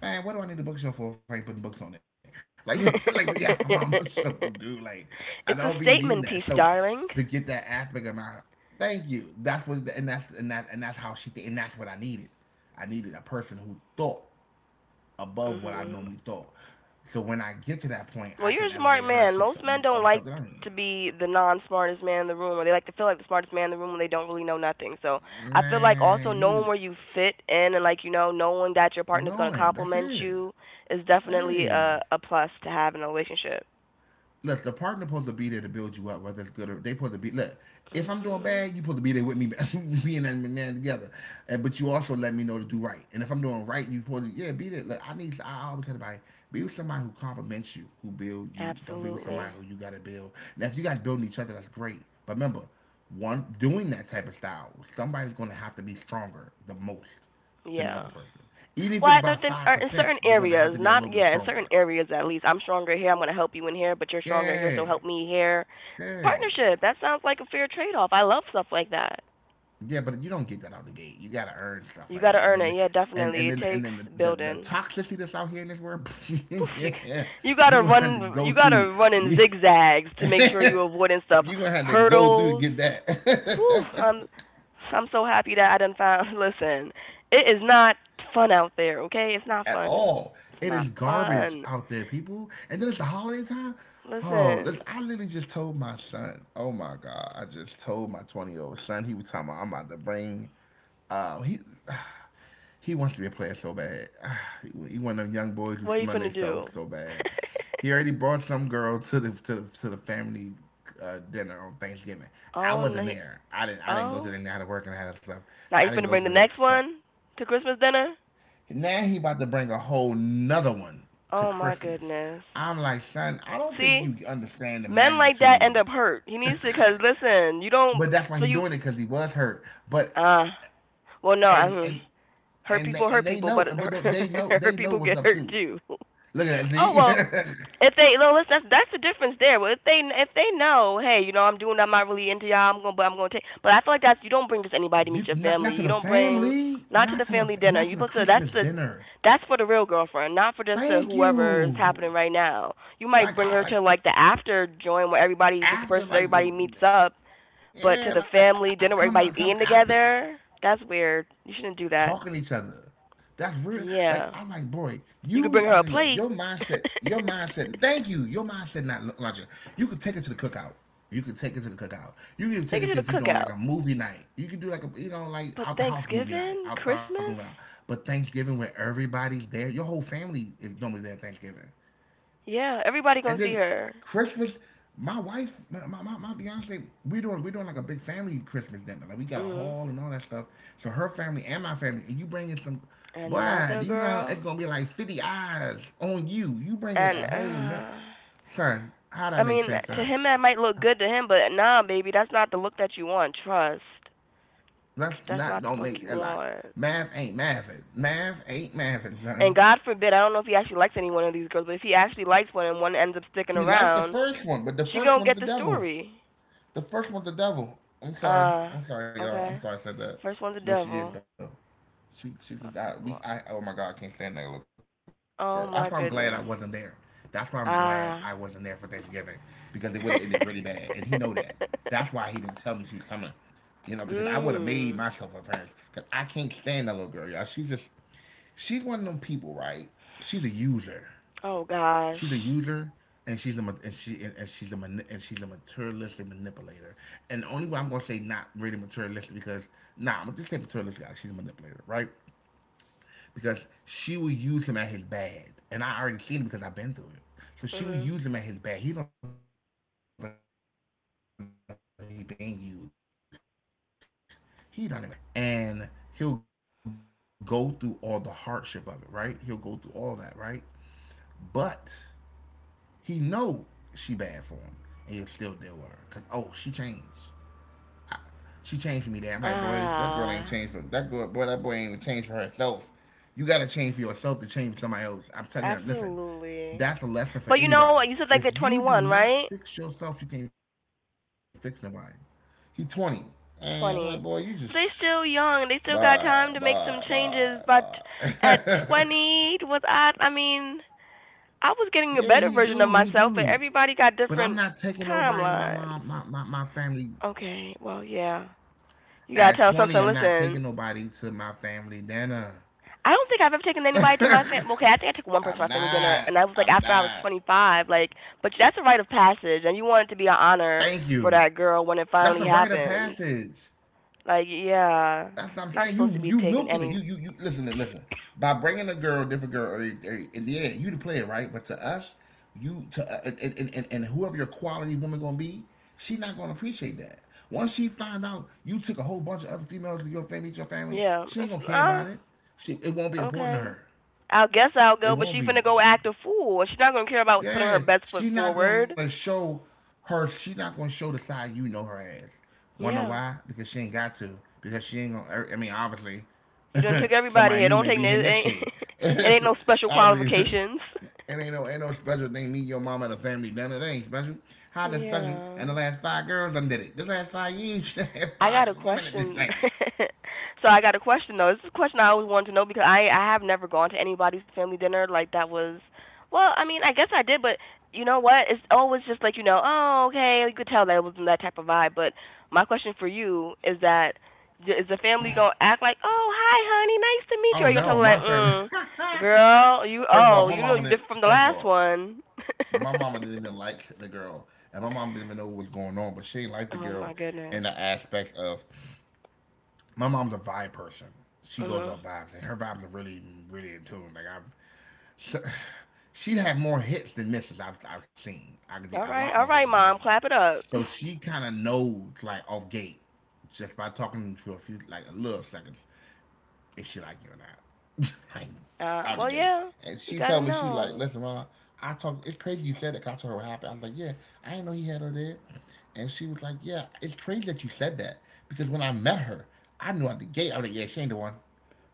Speaker 2: man, what do I need a bookshelf for if I ain't putting books on it? Like, like, yeah, I'm a simple dude. Like, I don't be
Speaker 1: it's
Speaker 2: needing
Speaker 1: a
Speaker 2: that. So,
Speaker 1: statement piece,
Speaker 2: to get
Speaker 1: darling.
Speaker 2: that aspect of my, thank you. And that's and that and that's how she thi- and that's what I needed. I needed a person who thought above what I normally
Speaker 1: Mhm.
Speaker 2: thought. So when I get to that point, I can
Speaker 1: Well, you're a
Speaker 2: elevate her
Speaker 1: smart
Speaker 2: to
Speaker 1: man. Most
Speaker 2: of
Speaker 1: men
Speaker 2: stuff
Speaker 1: don't
Speaker 2: that I
Speaker 1: like
Speaker 2: need.
Speaker 1: to be the non-smartest man in the room, or they like to feel like the smartest man in the room when they don't really know nothing. So I feel like
Speaker 2: Man,
Speaker 1: also
Speaker 2: you just
Speaker 1: knowing where you fit in, and like you know, knowing that your partner's going to
Speaker 2: knowing that's
Speaker 1: compliment
Speaker 2: it.
Speaker 1: you is definitely
Speaker 2: Hey,
Speaker 1: a plus to have in a relationship.
Speaker 2: look, the partner supposed to be there to build you up, whether it's good or they supposed to be. Look, if I'm doing
Speaker 1: Hmm.
Speaker 2: bad, you supposed to be there with me, being that man together. But you also let me know to do right. And if I'm doing right, you supposed to, yeah, be there. Look, I need. I always tell everybody, be with somebody who compliments you, who build you. Don't be with
Speaker 1: Absolutely.
Speaker 2: somebody who you got to build. Now, if you guys building each other, that's great. But remember, one doing that type of style, somebody's going to have to be stronger the most than the other
Speaker 1: Yeah.
Speaker 2: person. Even if
Speaker 1: Well,
Speaker 2: it's
Speaker 1: I
Speaker 2: by
Speaker 1: don't think,
Speaker 2: five
Speaker 1: or in
Speaker 2: percent,
Speaker 1: certain
Speaker 2: you're going to have
Speaker 1: areas,
Speaker 2: to be a
Speaker 1: not
Speaker 2: little bit
Speaker 1: yeah, in certain
Speaker 2: stronger.
Speaker 1: areas at least. I'm stronger here. I'm going to help you in here, but you're stronger here,
Speaker 2: Yeah,
Speaker 1: so help me here.
Speaker 2: yeah.
Speaker 1: Partnership. That sounds like a fair trade-off. I love stuff like that.
Speaker 2: Yeah, but you don't get that out the gate. You gotta earn stuff
Speaker 1: You
Speaker 2: like
Speaker 1: gotta
Speaker 2: that,
Speaker 1: earn it. Yeah,
Speaker 2: and
Speaker 1: definitely.
Speaker 2: and
Speaker 1: It
Speaker 2: then and
Speaker 1: takes
Speaker 2: then the the, the
Speaker 1: building.
Speaker 2: toxicity that's out here in this world,
Speaker 1: You
Speaker 2: yeah,
Speaker 1: you
Speaker 2: you
Speaker 1: gotta
Speaker 2: gonna have to
Speaker 1: run.
Speaker 2: go
Speaker 1: You
Speaker 2: through.
Speaker 1: gotta run in
Speaker 2: Yeah,
Speaker 1: zigzags to make sure you avoiding stuff,
Speaker 2: you gonna have to go through to
Speaker 1: hurdles.
Speaker 2: get
Speaker 1: Whew,
Speaker 2: that
Speaker 1: I'm so happy that I done found. Listen, it is not fun out there. Okay, it's not
Speaker 2: at
Speaker 1: fun. It's
Speaker 2: all.
Speaker 1: it's
Speaker 2: It
Speaker 1: not
Speaker 2: is garbage
Speaker 1: fun.
Speaker 2: out there, people. And then it's the holiday time. Oh,
Speaker 1: Listen,
Speaker 2: listen, I literally just told my son. Oh my god, I just told my 20-year old son. He was talking about I'm about to bring. Uh, he He wants to be a player so bad. He one of them young boys who
Speaker 1: what are you
Speaker 2: smell
Speaker 1: finna
Speaker 2: themselves
Speaker 1: do?
Speaker 2: so bad. He already brought some girl to the family dinner on Thanksgiving. I
Speaker 1: oh
Speaker 2: wasn't
Speaker 1: no.
Speaker 2: there. I didn't. I didn't go to the.
Speaker 1: Oh,
Speaker 2: I had to work and I had to stuff. So
Speaker 1: now
Speaker 2: I
Speaker 1: you
Speaker 2: didn't
Speaker 1: finna
Speaker 2: go to
Speaker 1: bring the
Speaker 2: the. So
Speaker 1: next one to Christmas dinner?
Speaker 2: now he about to bring a whole nother one to
Speaker 1: Oh my
Speaker 2: Christmas.
Speaker 1: goodness.
Speaker 2: I'm like, son, I don't think
Speaker 1: See,
Speaker 2: you understand the
Speaker 1: men like that
Speaker 2: magnitude.
Speaker 1: end up hurt. He needs to because listen, you don't.
Speaker 2: But that's why
Speaker 1: So
Speaker 2: he
Speaker 1: you.
Speaker 2: doing it because he was hurt. But
Speaker 1: Uh, well, no. I
Speaker 2: and
Speaker 1: mean,
Speaker 2: and and they,
Speaker 1: hurt
Speaker 2: and they
Speaker 1: people,
Speaker 2: know.
Speaker 1: but it
Speaker 2: But they
Speaker 1: hurt
Speaker 2: know
Speaker 1: hurt
Speaker 2: they know
Speaker 1: people
Speaker 2: what's
Speaker 1: get
Speaker 2: up
Speaker 1: hurt
Speaker 2: too.
Speaker 1: too.
Speaker 2: Look at that.
Speaker 1: Oh well,
Speaker 2: See.
Speaker 1: if they no, listen, that's the difference there. But if they know, hey, you know, I'm doing, I'm not really into y'all. I'm gonna, but I'm gonna take. But I feel like that's you don't bring just anybody to meet your
Speaker 2: Not
Speaker 1: family.
Speaker 2: not to
Speaker 1: You
Speaker 2: the
Speaker 1: don't bring
Speaker 2: family,
Speaker 1: not to the family dinner.
Speaker 2: not
Speaker 1: You
Speaker 2: to the
Speaker 1: but that's
Speaker 2: Christmas
Speaker 1: the
Speaker 2: dinner.
Speaker 1: that's for the real girlfriend, not for just the
Speaker 2: Thank
Speaker 1: whoever is
Speaker 2: you.
Speaker 1: happening right now. You might
Speaker 2: Like
Speaker 1: bring
Speaker 2: I
Speaker 1: her
Speaker 2: like
Speaker 1: to like the after joint where everybody
Speaker 2: after
Speaker 1: disperses,
Speaker 2: like the
Speaker 1: everybody meets up, but
Speaker 2: yeah
Speaker 1: to the
Speaker 2: like I,
Speaker 1: family
Speaker 2: come on
Speaker 1: dinner where
Speaker 2: come
Speaker 1: everybody's
Speaker 2: after
Speaker 1: eating together, that's weird. You shouldn't do
Speaker 2: talking
Speaker 1: that.
Speaker 2: to each other. That's real. Like I'm
Speaker 1: Yeah.
Speaker 2: like, boy,
Speaker 1: You could
Speaker 2: you.
Speaker 1: bring
Speaker 2: I
Speaker 1: her
Speaker 2: said,
Speaker 1: a
Speaker 2: look, your
Speaker 1: plate,
Speaker 2: mindset, your mindset. Thank you. Your mindset not launching. You could take it to the cookout. You could take it to the cookout. You can even take
Speaker 1: take her
Speaker 2: it
Speaker 1: to
Speaker 2: to
Speaker 1: the
Speaker 2: if we doing like
Speaker 1: cookout.
Speaker 2: a movie night. You can do like a like
Speaker 1: But
Speaker 2: out the house movie night,
Speaker 1: Thanksgiving,
Speaker 2: out the house movie night.
Speaker 1: Christmas,
Speaker 2: But Thanksgiving where everybody's there, your whole family is normally there at Thanksgiving.
Speaker 1: yeah, everybody gonna
Speaker 2: And
Speaker 1: see
Speaker 2: then
Speaker 1: her.
Speaker 2: Christmas, my wife, my fiance, we doing like a big family Christmas dinner. Like we got a
Speaker 1: Mhm.
Speaker 2: hall and all that stuff. So her family and my family, and you bringing some, boy,
Speaker 1: Another
Speaker 2: do you know it's
Speaker 1: girl,
Speaker 2: gonna be like 50 eyes on you? You bringing
Speaker 1: and
Speaker 2: a whole nut, son. How
Speaker 1: I
Speaker 2: that make
Speaker 1: mean,
Speaker 2: sense,
Speaker 1: to
Speaker 2: son?
Speaker 1: him that might look good to him, but nah, baby, that's not the look that you want. Trust,
Speaker 2: That's
Speaker 1: that's
Speaker 2: not
Speaker 1: not the
Speaker 2: don't
Speaker 1: look
Speaker 2: make
Speaker 1: you
Speaker 2: a lot.
Speaker 1: want.
Speaker 2: Math ain't math. Math ain't math,
Speaker 1: And
Speaker 2: son.
Speaker 1: God forbid, I don't know if he actually likes any one of these girls, but if he actually likes one and one ends up sticking
Speaker 2: He liked the
Speaker 1: around,
Speaker 2: first one, but the
Speaker 1: she
Speaker 2: first
Speaker 1: gonna
Speaker 2: one's the
Speaker 1: get the
Speaker 2: devil.
Speaker 1: story.
Speaker 2: The first one's the devil. I'm sorry.
Speaker 1: Uh,
Speaker 2: I'm sorry, y'all. I'm
Speaker 1: okay.
Speaker 2: sorry I said that.
Speaker 1: First one's the
Speaker 2: No, she is though.
Speaker 1: devil.
Speaker 2: She's the I, we I oh my god, I can't stand that little girl. That's why I'm glad I wasn't
Speaker 1: Oh
Speaker 2: there.
Speaker 1: my
Speaker 2: That's
Speaker 1: goodness.
Speaker 2: why I'm glad I wasn't there for Thanksgiving
Speaker 1: Ah.
Speaker 2: because it would have ended really bad, and he know that. That's why he didn't tell me she was coming. Because I would have made myself a
Speaker 1: mm.
Speaker 2: parent. Cause I can't stand that little girl, y'all. She's just she's one of them people, right? She's a user.
Speaker 1: Oh
Speaker 2: She's
Speaker 1: gosh.
Speaker 2: a user, and she's a and she and, she's a and she's a materialistic manipulator. And the only way I'm gonna say not really materialistic because nah, I'm gonna just say materialistic. Like, she's a manipulator, right? Because she will use him at his bad, and I already seen it because I've been through it. So she will
Speaker 1: Mhm.
Speaker 2: use him at his bad. He don't even know he being used. He don't even know he being used, y'all. But he'll be used at his bad, and he'll go through all the hardship of it, right? He'll go through all that, right? But he know she bad for him, and he still deal with her. Cause oh, she changed. She changed for me. There, I'm like, boys, that girl ain't
Speaker 1: Ah.
Speaker 2: changed for that girl. Boy, that boy ain't even changed for herself. You gotta change for yourself to change for somebody else. I'm telling you, listen,
Speaker 1: Absolutely.
Speaker 2: that's
Speaker 1: But
Speaker 2: a
Speaker 1: you know
Speaker 2: lesson
Speaker 1: what?
Speaker 2: for
Speaker 1: You said like they're
Speaker 2: anybody.
Speaker 1: 21,
Speaker 2: If
Speaker 1: right?
Speaker 2: you do not fix yourself, you can't fix nobody. He 20. And I'm like, boy, you
Speaker 1: 20.
Speaker 2: just
Speaker 1: But they still young. They still
Speaker 2: bye,
Speaker 1: got time to
Speaker 2: bye,
Speaker 1: make some
Speaker 2: bye,
Speaker 1: changes. But at
Speaker 2: bye.
Speaker 1: 20, was I? I mean, I was getting a
Speaker 2: Yeah,
Speaker 1: better
Speaker 2: he
Speaker 1: version of
Speaker 2: do, he
Speaker 1: myself, but
Speaker 2: do.
Speaker 1: everybody got
Speaker 2: But I'm
Speaker 1: different
Speaker 2: not taking nobody to my
Speaker 1: timelines.
Speaker 2: mom, my family.
Speaker 1: Okay, well, yeah. You gotta
Speaker 2: At
Speaker 1: tell
Speaker 2: 20,
Speaker 1: something.
Speaker 2: I'm not
Speaker 1: Listen,
Speaker 2: taking nobody to my family dinner.
Speaker 1: I don't think I've ever taken anybody to my family. Okay, I think I took
Speaker 2: I'm
Speaker 1: one person to my family
Speaker 2: not.
Speaker 1: dinner, and that
Speaker 2: I'm
Speaker 1: was like after I
Speaker 2: not.
Speaker 1: was 25. Like, but that's a rite of passage, and you want it to be an honor
Speaker 2: Thank
Speaker 1: for
Speaker 2: you.
Speaker 1: that girl when it
Speaker 2: That's
Speaker 1: finally
Speaker 2: a rite of
Speaker 1: happens.
Speaker 2: passage.
Speaker 1: Like, yeah,
Speaker 2: That's what I'm
Speaker 1: not
Speaker 2: saying.
Speaker 1: supposed
Speaker 2: You
Speaker 1: to be
Speaker 2: you
Speaker 1: taking
Speaker 2: milking it. You
Speaker 1: any.
Speaker 2: you you listen. By bringing a girl, different girl, in the end, you the player, right? But to us, you to and whoever your quality woman gonna be, she not gonna appreciate that. Once she find out you took a whole bunch of other females to your family,
Speaker 1: Yeah, it's,
Speaker 2: she ain't gonna care about it. She it won't be
Speaker 1: okay.
Speaker 2: important to her.
Speaker 1: I guess I'll go, but
Speaker 2: It
Speaker 1: she
Speaker 2: won't
Speaker 1: finna go
Speaker 2: be.
Speaker 1: act a fool. She's not gonna care about putting her best
Speaker 2: Yeah,
Speaker 1: foot
Speaker 2: she not
Speaker 1: forward.
Speaker 2: gonna show her. She not gonna show the side you know her as. Wanna know
Speaker 1: Yeah.
Speaker 2: why? Because she ain't got to. Because she ain't gonna. I mean, obviously,
Speaker 1: You done took everybody
Speaker 2: somebody
Speaker 1: here.
Speaker 2: new
Speaker 1: Don't
Speaker 2: may
Speaker 1: take
Speaker 2: be
Speaker 1: no,
Speaker 2: here
Speaker 1: it
Speaker 2: next
Speaker 1: ain't
Speaker 2: year.
Speaker 1: it ain't no special
Speaker 2: obviously,
Speaker 1: qualifications.
Speaker 2: it ain't no special thing. Me, your mama, the family done it. It ain't special. How the special? And the
Speaker 1: Yeah.
Speaker 2: last five girls done did it. This last 5 years, she had
Speaker 1: I
Speaker 2: five
Speaker 1: got a
Speaker 2: different women at this
Speaker 1: question.
Speaker 2: thing.
Speaker 1: so I got a question though. This is a question I always wanted to know because I have never gone to anybody's family dinner like that was. Well, I mean, I guess I did, but you know what? It's always just like you know, oh okay, you could tell that it wasn't that type of vibe. But my question for you is that is the family gonna act like, oh hi honey, nice to meet you?
Speaker 2: Oh
Speaker 1: Or are you gonna tell
Speaker 2: no,
Speaker 1: them
Speaker 2: my
Speaker 1: like,
Speaker 2: family.
Speaker 1: mm, girl, you
Speaker 2: first of all,
Speaker 1: oh
Speaker 2: my
Speaker 1: you know
Speaker 2: mama
Speaker 1: you
Speaker 2: did.
Speaker 1: different from the
Speaker 2: First of
Speaker 1: last
Speaker 2: all,
Speaker 1: one?
Speaker 2: my mama didn't even like the girl, and my mom didn't even know what was going on, but she didn't like the
Speaker 1: oh
Speaker 2: girl
Speaker 1: my
Speaker 2: in
Speaker 1: goodness.
Speaker 2: the aspect of my mom's a vibe person. She goes
Speaker 1: Mhm.
Speaker 2: off vibes, and her vibes are really, really in tune. So, she had more hits than misses I've seen. I could get a lot more
Speaker 1: All
Speaker 2: hits
Speaker 1: right,
Speaker 2: than
Speaker 1: mom,
Speaker 2: misses.
Speaker 1: clap it up.
Speaker 2: So she kind of knows like off gate just by talking to a few like a little seconds if she like you or not. like out the
Speaker 1: Well,
Speaker 2: gate.
Speaker 1: yeah,
Speaker 2: And
Speaker 1: you
Speaker 2: she
Speaker 1: gotta
Speaker 2: told me she like,
Speaker 1: know.
Speaker 2: listen, Ron, I talked. It's crazy you said that. 'Cause I told her what happened. I was like, yeah, I didn't know he had her there. And she was like, yeah, it's crazy that you said that because when I met her, I knew out the gate. I was like, yeah, she ain't the one.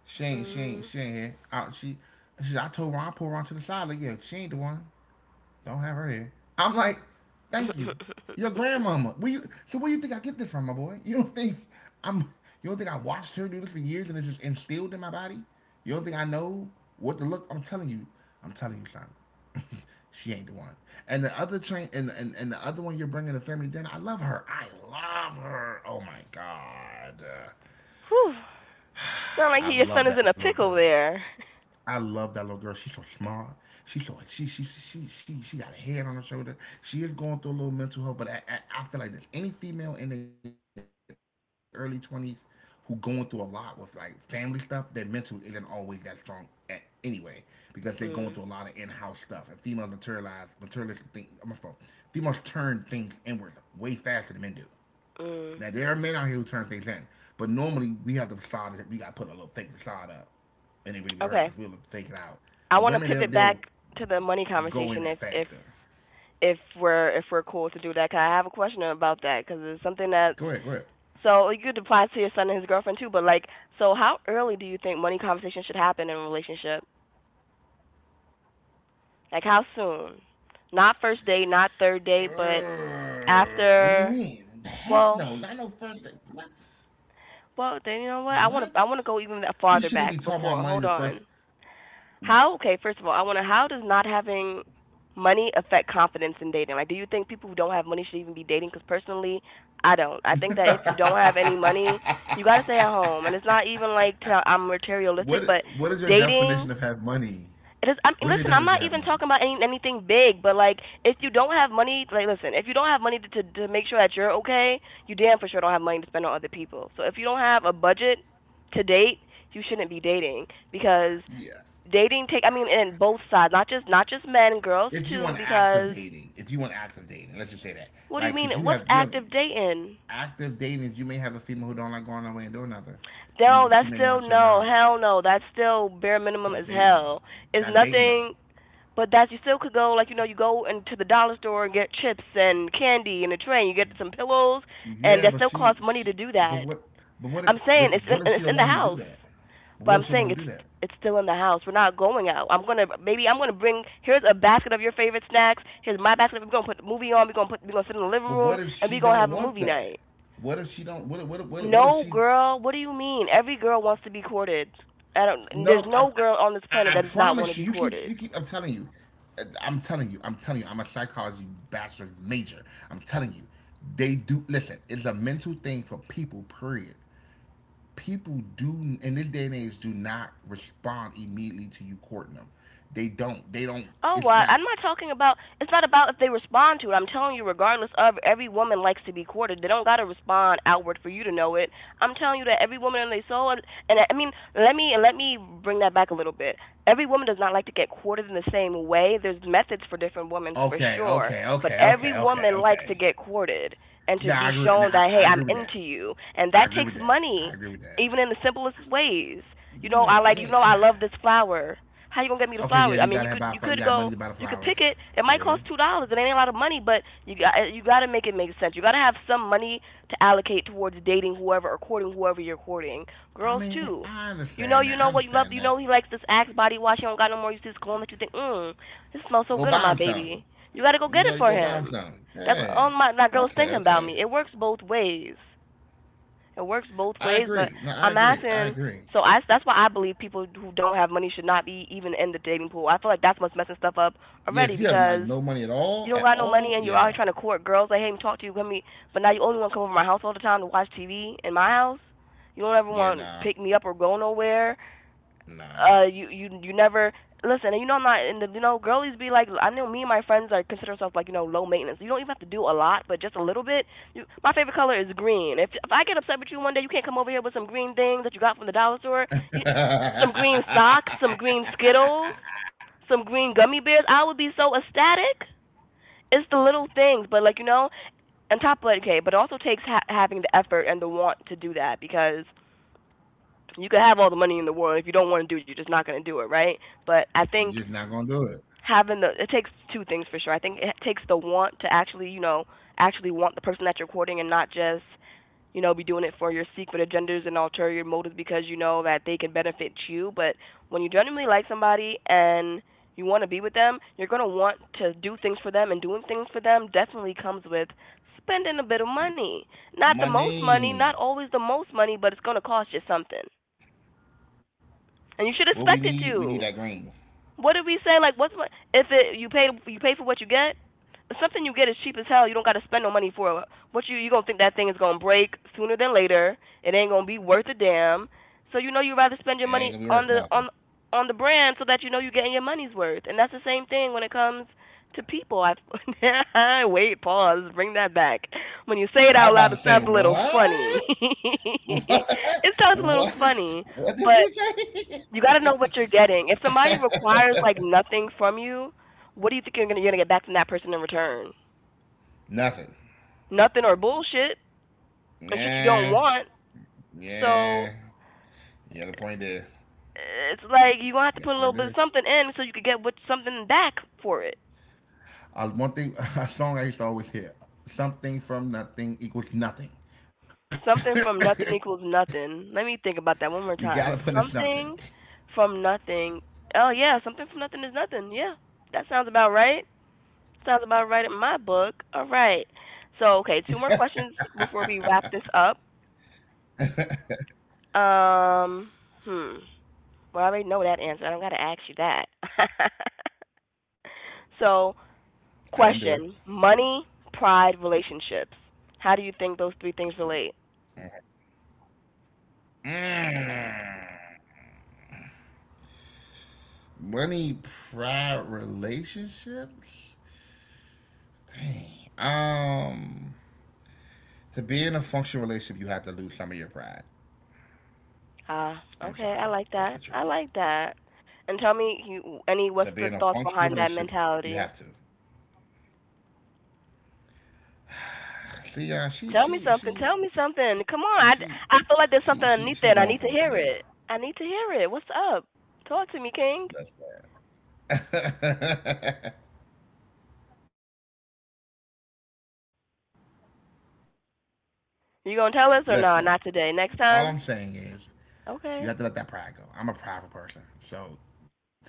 Speaker 2: She ain't. She ain't.
Speaker 1: Mm.
Speaker 2: She ain't here. Out. She. She. I told Ron. I pulled Ron to the side. Like, yeah, she ain't the one. Don't have her here. I'm like, thank you. Your grandmama. Where you so where you think I get this from, my boy? You don't think I'm you don't think I watched her do this for years and it's just instilled in my body? You don't think I know what to look I'm telling you, son. she ain't the one. And the other train and, and the other one you're bringing to family dinner, I love her. I love her. Oh my god.
Speaker 1: Whew. Sound like he,
Speaker 2: I
Speaker 1: your son
Speaker 2: love
Speaker 1: is
Speaker 2: that
Speaker 1: in a
Speaker 2: little
Speaker 1: pickle
Speaker 2: girl.
Speaker 1: there.
Speaker 2: I love that little girl. She's so smart. She's so she got a head on her shoulder. She is going through a little mental health, but I feel like there's any female in their early twenties who going through a lot with like family stuff, their mental isn't always that strong at anyway because they're going through a lot of in-house
Speaker 1: Mm.
Speaker 2: stuff. And females materialize materialistic things. I'm a phone. Females turn things inward way faster than men do. Now there are men
Speaker 1: Mm.
Speaker 2: out here who turn things in, but normally we have the facade. We got to put a little fake facade up, and it really be hurting us. We'll
Speaker 1: Okay,
Speaker 2: fake it out. But
Speaker 1: I want
Speaker 2: women,
Speaker 1: to
Speaker 2: they'll
Speaker 1: pivot
Speaker 2: they'll
Speaker 1: back to the money
Speaker 2: go in
Speaker 1: conversation if
Speaker 2: that
Speaker 1: if
Speaker 2: faster.
Speaker 1: if we're if we're cool to do that. 'Cause I have a question about that
Speaker 2: Go
Speaker 1: because
Speaker 2: ahead, go
Speaker 1: it's
Speaker 2: ahead.
Speaker 1: something that's so you could apply to your son and his girlfriend too. But like, so how early do you think money conversation should happen in a relationship? Like how soon? Not first date, not third date, but
Speaker 2: What do you mean? Heck
Speaker 1: after.
Speaker 2: no, not no first. Thing.
Speaker 1: Well,
Speaker 2: What?
Speaker 1: well,
Speaker 2: What?
Speaker 1: then you know what? I want to I
Speaker 2: We
Speaker 1: want to
Speaker 2: shouldn't
Speaker 1: go
Speaker 2: be
Speaker 1: even
Speaker 2: talking
Speaker 1: that
Speaker 2: about money
Speaker 1: farther
Speaker 2: the first.
Speaker 1: back before. Hold on. How? Okay, first of all, I want to how does not having money affect confidence in dating? Like, do you think people who don't have money should even be dating? Because personally, I don't. I think that if you don't have any money, you got to stay at home. And it's not even like to, I'm
Speaker 2: what
Speaker 1: materialistic, but
Speaker 2: what is your definition of
Speaker 1: dating
Speaker 2: have money?
Speaker 1: it is. I'm,
Speaker 2: What is your
Speaker 1: listen, I'm
Speaker 2: definition of
Speaker 1: not
Speaker 2: have
Speaker 1: even
Speaker 2: money?
Speaker 1: talking about any, anything big, but like, if you don't have money, like, listen, if you don't have money to, to make sure that you're okay, you damn for sure don't have money to spend on other people. So if you don't have a budget to date, you shouldn't be dating because
Speaker 2: Yeah,
Speaker 1: dating take. I mean, in both sides, not just men, girls
Speaker 2: if you
Speaker 1: too.
Speaker 2: want active
Speaker 1: Because
Speaker 2: dating, if you want active dating, let's just say that,
Speaker 1: what do you
Speaker 2: like,
Speaker 1: mean?
Speaker 2: cause
Speaker 1: What's
Speaker 2: you have
Speaker 1: active dating?
Speaker 2: active dating, you may have a female who don't like going away and doing nothing. You
Speaker 1: No,
Speaker 2: may- she
Speaker 1: that's
Speaker 2: may
Speaker 1: still
Speaker 2: want you
Speaker 1: no,
Speaker 2: now
Speaker 1: hell no. That's still bare minimum as
Speaker 2: dating,
Speaker 1: hell. It's
Speaker 2: not dating though.
Speaker 1: nothing. But that you still could go, like you know, you go into the dollar store and get chips and candy, and a train you get some pillows, and
Speaker 2: Yeah,
Speaker 1: that
Speaker 2: but
Speaker 1: still costs money to do
Speaker 2: but
Speaker 1: that.
Speaker 2: what, but what if,
Speaker 1: I'm saying
Speaker 2: but what if she
Speaker 1: it's
Speaker 2: don't
Speaker 1: in the
Speaker 2: want him to do
Speaker 1: house,
Speaker 2: that? But
Speaker 1: but
Speaker 2: what if
Speaker 1: I'm
Speaker 2: she don't
Speaker 1: saying
Speaker 2: want him to do that?
Speaker 1: it's still in the house. We're not going out. I'm gonna maybe I'm gonna bring here's a basket of your favorite snacks. Here's my basket. We're gonna put the movie on. We're gonna sit in the living
Speaker 2: But
Speaker 1: room
Speaker 2: what if
Speaker 1: and
Speaker 2: she
Speaker 1: we're gonna
Speaker 2: don't
Speaker 1: have a
Speaker 2: want
Speaker 1: movie
Speaker 2: that?
Speaker 1: night.
Speaker 2: What if she don't? What if
Speaker 1: No
Speaker 2: she
Speaker 1: girl, what do you mean? Every girl wants to be courted. I don't. There's
Speaker 2: No,
Speaker 1: no girl
Speaker 2: I
Speaker 1: on this planet
Speaker 2: promise
Speaker 1: that
Speaker 2: you. You
Speaker 1: does not
Speaker 2: keep,
Speaker 1: want
Speaker 2: you
Speaker 1: to be
Speaker 2: keep. I'm
Speaker 1: courted.
Speaker 2: telling you. I'm telling you. I'm telling you. I'm a psychology bachelor major. I'm telling you. They do. Listen, it's a mental thing for people. Period. People do in this day and age do not respond immediately to you courting them. They don't. They don't.
Speaker 1: Oh,
Speaker 2: It's
Speaker 1: what?
Speaker 2: not.
Speaker 1: I'm not talking about. It's not about if they respond to it. I'm telling you, regardless of every woman likes to be courted. They don't gotta respond outward for you to know it. I'm telling you that every woman in their soul, and I mean, let me bring that back a little bit. Every woman does not like to get courted in the same way. There's methods for different women for
Speaker 2: Okay.
Speaker 1: sure,
Speaker 2: Okay.
Speaker 1: but
Speaker 2: Okay.
Speaker 1: every
Speaker 2: Okay. Okay.
Speaker 1: woman likes to
Speaker 2: Okay.
Speaker 1: get courted and to
Speaker 2: Nah, I
Speaker 1: be
Speaker 2: agree. Nah,
Speaker 1: shown that hey,
Speaker 2: I
Speaker 1: I'm
Speaker 2: agree with that.
Speaker 1: into you, and
Speaker 2: I
Speaker 1: that
Speaker 2: agree
Speaker 1: takes
Speaker 2: with that. I
Speaker 1: money,
Speaker 2: agree with that.
Speaker 1: even in the simplest ways. You
Speaker 2: You
Speaker 1: know, I
Speaker 2: ain't. I
Speaker 1: like you
Speaker 2: mean.
Speaker 1: know I love this flower. How you gonna get me the
Speaker 2: Okay, yeah,
Speaker 1: flowers? I
Speaker 2: you
Speaker 1: mean, you
Speaker 2: gotta have
Speaker 1: could
Speaker 2: buy
Speaker 1: you
Speaker 2: flowers. You
Speaker 1: could
Speaker 2: got money
Speaker 1: go
Speaker 2: to buy the
Speaker 1: you could
Speaker 2: flowers.
Speaker 1: pick it. It might
Speaker 2: Yeah,
Speaker 1: cost $2. It ain't a lot of money, but you got to make it make sense. You got to have some money to allocate towards dating whoever or courting whoever you're courting.
Speaker 2: I
Speaker 1: Girls
Speaker 2: mean,
Speaker 1: too.
Speaker 2: I understand that.
Speaker 1: You
Speaker 2: I
Speaker 1: know what you
Speaker 2: understand
Speaker 1: love. You
Speaker 2: that.
Speaker 1: know he likes this Axe body wash. He don't got no more. You see this cologne that you think, mm, this smells so
Speaker 2: Go
Speaker 1: good on
Speaker 2: buy
Speaker 1: my
Speaker 2: them some.
Speaker 1: baby. You got to go get it
Speaker 2: You
Speaker 1: for
Speaker 2: go buy them
Speaker 1: him.
Speaker 2: some.
Speaker 1: That's
Speaker 2: Yeah.
Speaker 1: all my girl's
Speaker 2: Okay,
Speaker 1: thinking about
Speaker 2: okay.
Speaker 1: me. It works both ways. It works both
Speaker 2: I
Speaker 1: ways, but
Speaker 2: agree. No, I
Speaker 1: I'm
Speaker 2: agree. I
Speaker 1: asking.
Speaker 2: agree.
Speaker 1: So that's why I believe people who don't have money should not be even in the dating pool. I feel like that's what's messing stuff up
Speaker 2: Yeah, if
Speaker 1: already
Speaker 2: you have like
Speaker 1: because
Speaker 2: no money
Speaker 1: you don't
Speaker 2: at
Speaker 1: got no money
Speaker 2: all,
Speaker 1: and
Speaker 2: yeah,
Speaker 1: you're out here
Speaker 2: no,
Speaker 1: trying to court girls. Like, hey, let me talk to you, let me. But now you only want to come over to my house all the time to watch TV in my house. You don't ever
Speaker 2: yeah,
Speaker 1: want to pick me up or go nowhere
Speaker 2: nah.
Speaker 1: you never listen, and I'm not. And the girlies be like, I know me and my friends are consider ourselves like, low maintenance. You don't even have to do a lot, but just a little bit. You, my favorite color is green. If I get upset with you one day, you can't come over here with some green things that you got from the dollar store. You, some green socks, some green Skittles, some green gummy bears, I would be so ecstatic. It's the little things, but like, on top of it. Okay, but it also takes having the effort and the want to do that, because you could have all the money in the world. If you don't want to do it, you're just not going to do it, right? But I
Speaker 2: Just
Speaker 1: think
Speaker 2: not gonna do it.
Speaker 1: having the, it takes two things for sure. I think it takes the want to actually, actually want the person that you're courting and not just, be doing it for your secret agendas and ulterior motives because you know that they can benefit you. But when you genuinely like somebody and you want to be with them, you're going to want to do things for them, and doing things for them definitely comes with spending a bit of money. Not the most money, not
Speaker 2: Money.
Speaker 1: always the most money, but it's going to cost you something,
Speaker 2: What
Speaker 1: and you should
Speaker 2: we need that
Speaker 1: expect it
Speaker 2: green.
Speaker 1: to. What did we say? Like, what's, what if it, you pay, you pay for what you get? Something you get is cheap as hell, you don't got to spend no money for it. What, you gonna think that thing is gonna break sooner than later? It ain't gonna be worth a damn. So you know you'd rather
Speaker 2: It
Speaker 1: spend your
Speaker 2: ain't gonna
Speaker 1: money
Speaker 2: be worth nothing.
Speaker 1: on the brand, so that you know you're getting your money's worth. And that's the same thing when it comes to people. I wait, pause, bring that back. When you say it
Speaker 2: But I'm
Speaker 1: out loud,
Speaker 2: about to
Speaker 1: it
Speaker 2: say
Speaker 1: sounds a little funny.
Speaker 2: what? What?
Speaker 1: It sounds a little
Speaker 2: What is?
Speaker 1: funny,
Speaker 2: What
Speaker 1: but
Speaker 2: did you
Speaker 1: you got to know what
Speaker 2: say?
Speaker 1: you're getting. If somebody requires like nothing from you, what do you think you're gonna, you're gonna get back from that person in return?
Speaker 2: Nothing.
Speaker 1: Nothing or bullshit and shit you don't
Speaker 2: Nah.
Speaker 1: want.
Speaker 2: Yeah.
Speaker 1: So
Speaker 2: You got a point there.
Speaker 1: it's like you gonna have
Speaker 2: You
Speaker 1: to
Speaker 2: got a
Speaker 1: put a
Speaker 2: point
Speaker 1: little bit of
Speaker 2: there.
Speaker 1: something in so you could get what, something back for it.
Speaker 2: One thing, a song I used to always hear: "Something from nothing equals nothing."
Speaker 1: Something from nothing
Speaker 2: you
Speaker 1: equals
Speaker 2: gotta put in
Speaker 1: nothing. Let me
Speaker 2: something.
Speaker 1: think about that one more time. Something from nothing. Oh yeah, something from nothing is nothing. Yeah, that sounds about right. Sounds about right in my book. All right. So okay, two more questions before
Speaker 2: I
Speaker 1: we wrap this up. Um, hmm. Well, I already know that answer. I don't got to ask you that.
Speaker 2: didn't do it.
Speaker 1: So, question: money, pride, relationships. How do you think those three things relate?
Speaker 2: Mm. Money, pride, relationships. Dang. To be in a functional relationship, you have to lose some of your pride.
Speaker 1: Ah, okay. I like that. I
Speaker 2: I'm
Speaker 1: like
Speaker 2: sorry.
Speaker 1: that.
Speaker 2: It's the
Speaker 1: And tell
Speaker 2: truth.
Speaker 1: me, you, any, what's the thoughts behind that
Speaker 2: To
Speaker 1: mentality?
Speaker 2: be in a functional relationship, you have to.
Speaker 1: Tell me something. Tell me something. Come on.
Speaker 2: See, she,
Speaker 1: I feel like
Speaker 2: she,
Speaker 1: there's
Speaker 2: she,
Speaker 1: something
Speaker 2: she,
Speaker 1: underneath it, and I need to hear
Speaker 2: she,
Speaker 1: it.
Speaker 2: she, she
Speaker 1: I
Speaker 2: going
Speaker 1: need to
Speaker 2: for it
Speaker 1: hear it.
Speaker 2: today.
Speaker 1: What's up? Talk to me, King.
Speaker 2: Listen. Listen. All I'm
Speaker 1: You gonna tell
Speaker 2: saying
Speaker 1: us or no?
Speaker 2: is,
Speaker 1: Not today. Next
Speaker 2: to be
Speaker 1: time.
Speaker 2: in a functional relationship,
Speaker 1: Okay.
Speaker 2: yes, you have to give. You have to give.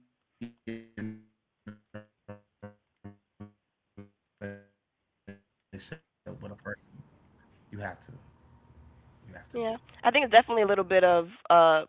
Speaker 2: You have to let that pride go. I'm a prideful person, so to be in a relationship with a person, you have to. You have
Speaker 1: Yeah,
Speaker 2: to.
Speaker 1: I think it's definitely a little bit of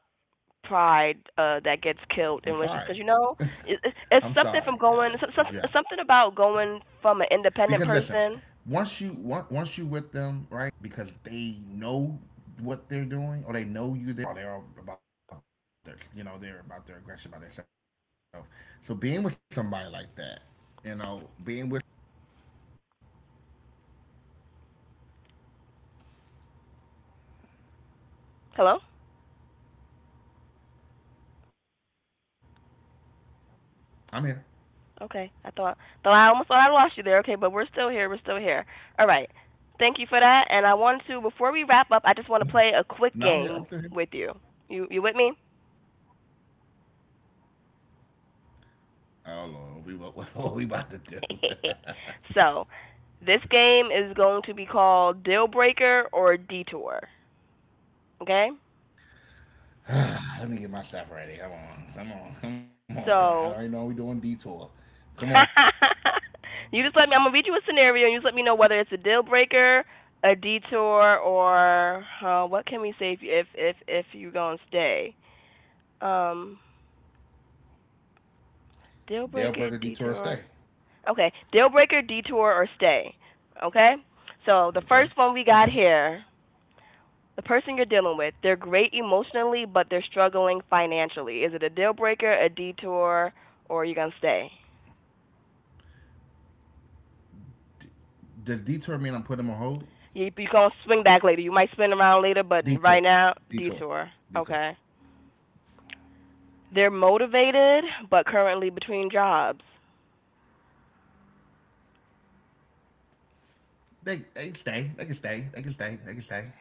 Speaker 1: pride
Speaker 2: I'm
Speaker 1: that gets
Speaker 2: sorry.
Speaker 1: killed in relationships, because
Speaker 2: I'm
Speaker 1: it's
Speaker 2: sorry,
Speaker 1: something from going
Speaker 2: guys, but you have
Speaker 1: something
Speaker 2: to.
Speaker 1: about going from an
Speaker 2: Because
Speaker 1: independent
Speaker 2: listen,
Speaker 1: person.
Speaker 2: once you with them, right? You had to do. Being with somebody who got a lot of pride is hard because they know what they're doing or they know you're there for them, but they don't want to let you in because they're raw. They're all about their, they're about their aggression by themselves. So being with somebody like that, you know, being with somebody like that,
Speaker 1: Hello. Okay, I thought,
Speaker 2: I'm here.
Speaker 1: though, I almost thought I lost you there. Okay, but we're still here. We're still here. All right. Thank you for that. And I want to, before we wrap up, I just want to play a quick
Speaker 2: No,
Speaker 1: game with
Speaker 2: no, I'm here.
Speaker 1: you.
Speaker 2: I'm still here.
Speaker 1: You with me?
Speaker 2: Oh Lord, what we about to do?
Speaker 1: So this game is going to be called Deal Breaker or Detour. Okay.
Speaker 2: Let me get my stuff ready. Come on, come on, come on. I already know we
Speaker 1: So
Speaker 2: doing detour. Come on,
Speaker 1: you just let me, I'm gonna read you a scenario, and you just let me know whether it's a deal breaker, a detour, or what can we say if you're gonna stay? Um, deal
Speaker 2: Dale
Speaker 1: breaker,
Speaker 2: Burger detour stay.
Speaker 1: detour. Okay, deal breaker, detour, or stay. Okay. So the
Speaker 2: Okay,
Speaker 1: first one we
Speaker 2: okay.
Speaker 1: got here, the person you're dealing with, they're great emotionally, but they're struggling financially. Is it a deal breaker, a detour, or are you gonna stay?
Speaker 2: Does detour mean I'm putting them on hold?
Speaker 1: You gonna swing back later. You might spin around later, but right
Speaker 2: Detour,
Speaker 1: now
Speaker 2: detour,
Speaker 1: detour.
Speaker 2: detour.
Speaker 1: Okay. They're motivated, but currently between jobs.
Speaker 2: They can stay. They can stay. They can stay. They can stay.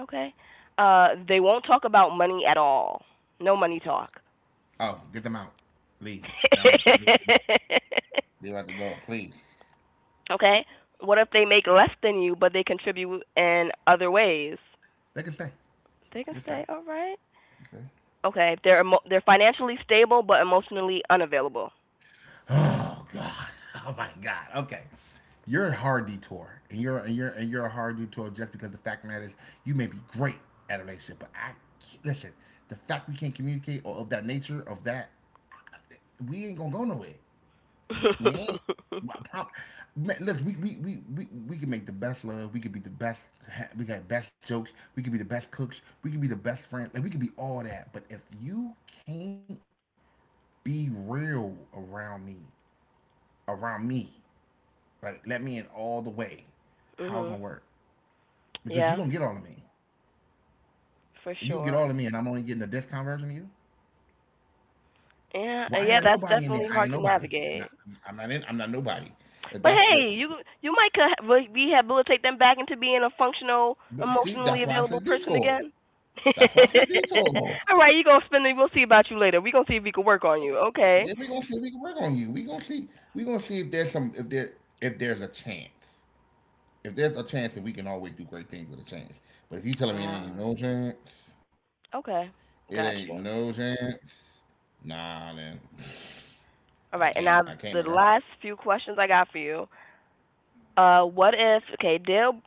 Speaker 1: Okay. They won't talk about money at all. No money talk.
Speaker 2: Oh, get them out. Leave. Go. Leave out the door. Leave out the door, please.
Speaker 1: Okay. What if they make less than you, but they contribute in other ways?
Speaker 2: They can stay.
Speaker 1: They
Speaker 2: They
Speaker 1: can
Speaker 2: can stay.
Speaker 1: stay. All
Speaker 2: They
Speaker 1: right.
Speaker 2: can stay.
Speaker 1: Okay. They're they're financially stable, but emotionally unavailable.
Speaker 2: Oh God. Oh my God. Okay. You're a hard detour, and you're a hard detour just because the fact matters, you may be great at a relationship, but I listen. The fact we can't communicate or of that nature of that, we ain't gonna go nowhere. We ain't. Well, Man, look, we can make the best love. We can be the best. We got best jokes. We can be the best cooks. We can be the best friend. Like we can be all that. But if you can't be real around me, like, let me in all the way.
Speaker 1: Mhm.
Speaker 2: How it gonna work? Because
Speaker 1: Yeah,
Speaker 2: you gonna get all of me.
Speaker 1: for
Speaker 2: If you get all
Speaker 1: sure.
Speaker 2: of me, and I'm only getting a discount version of you.
Speaker 1: Yeah,
Speaker 2: Well, I ain't
Speaker 1: yeah,
Speaker 2: let
Speaker 1: that's
Speaker 2: nobody in there.
Speaker 1: definitely
Speaker 2: I ain't
Speaker 1: hard to
Speaker 2: nobody. I'm not.
Speaker 1: navigate.
Speaker 2: I'm not in. I'm not nobody. If
Speaker 1: But
Speaker 2: that's the,
Speaker 1: hey, you might rehabilitate them back into being a functional,
Speaker 2: but see,
Speaker 1: emotionally
Speaker 2: that's why I
Speaker 1: available
Speaker 2: said
Speaker 1: person
Speaker 2: detour.
Speaker 1: again.
Speaker 2: That's why I said detour.
Speaker 1: All right, you gonna spend it. We'll see about you later. We gonna see if we can work on you.
Speaker 2: And
Speaker 1: Okay.
Speaker 2: we gonna see if we can work on you. We gonna see. We gonna see if there's some. If there's a chance. If there's a chance that we can always do great things with a chance. But if you telling me it ain't
Speaker 1: Uh,
Speaker 2: no chance, it
Speaker 1: okay,
Speaker 2: ain't
Speaker 1: got
Speaker 2: no
Speaker 1: you.
Speaker 2: chance. Nah, then. I
Speaker 1: All
Speaker 2: can't.
Speaker 1: right, and
Speaker 2: I
Speaker 1: now
Speaker 2: can't, my girl.
Speaker 1: the last few questions I got for you. What if, okay,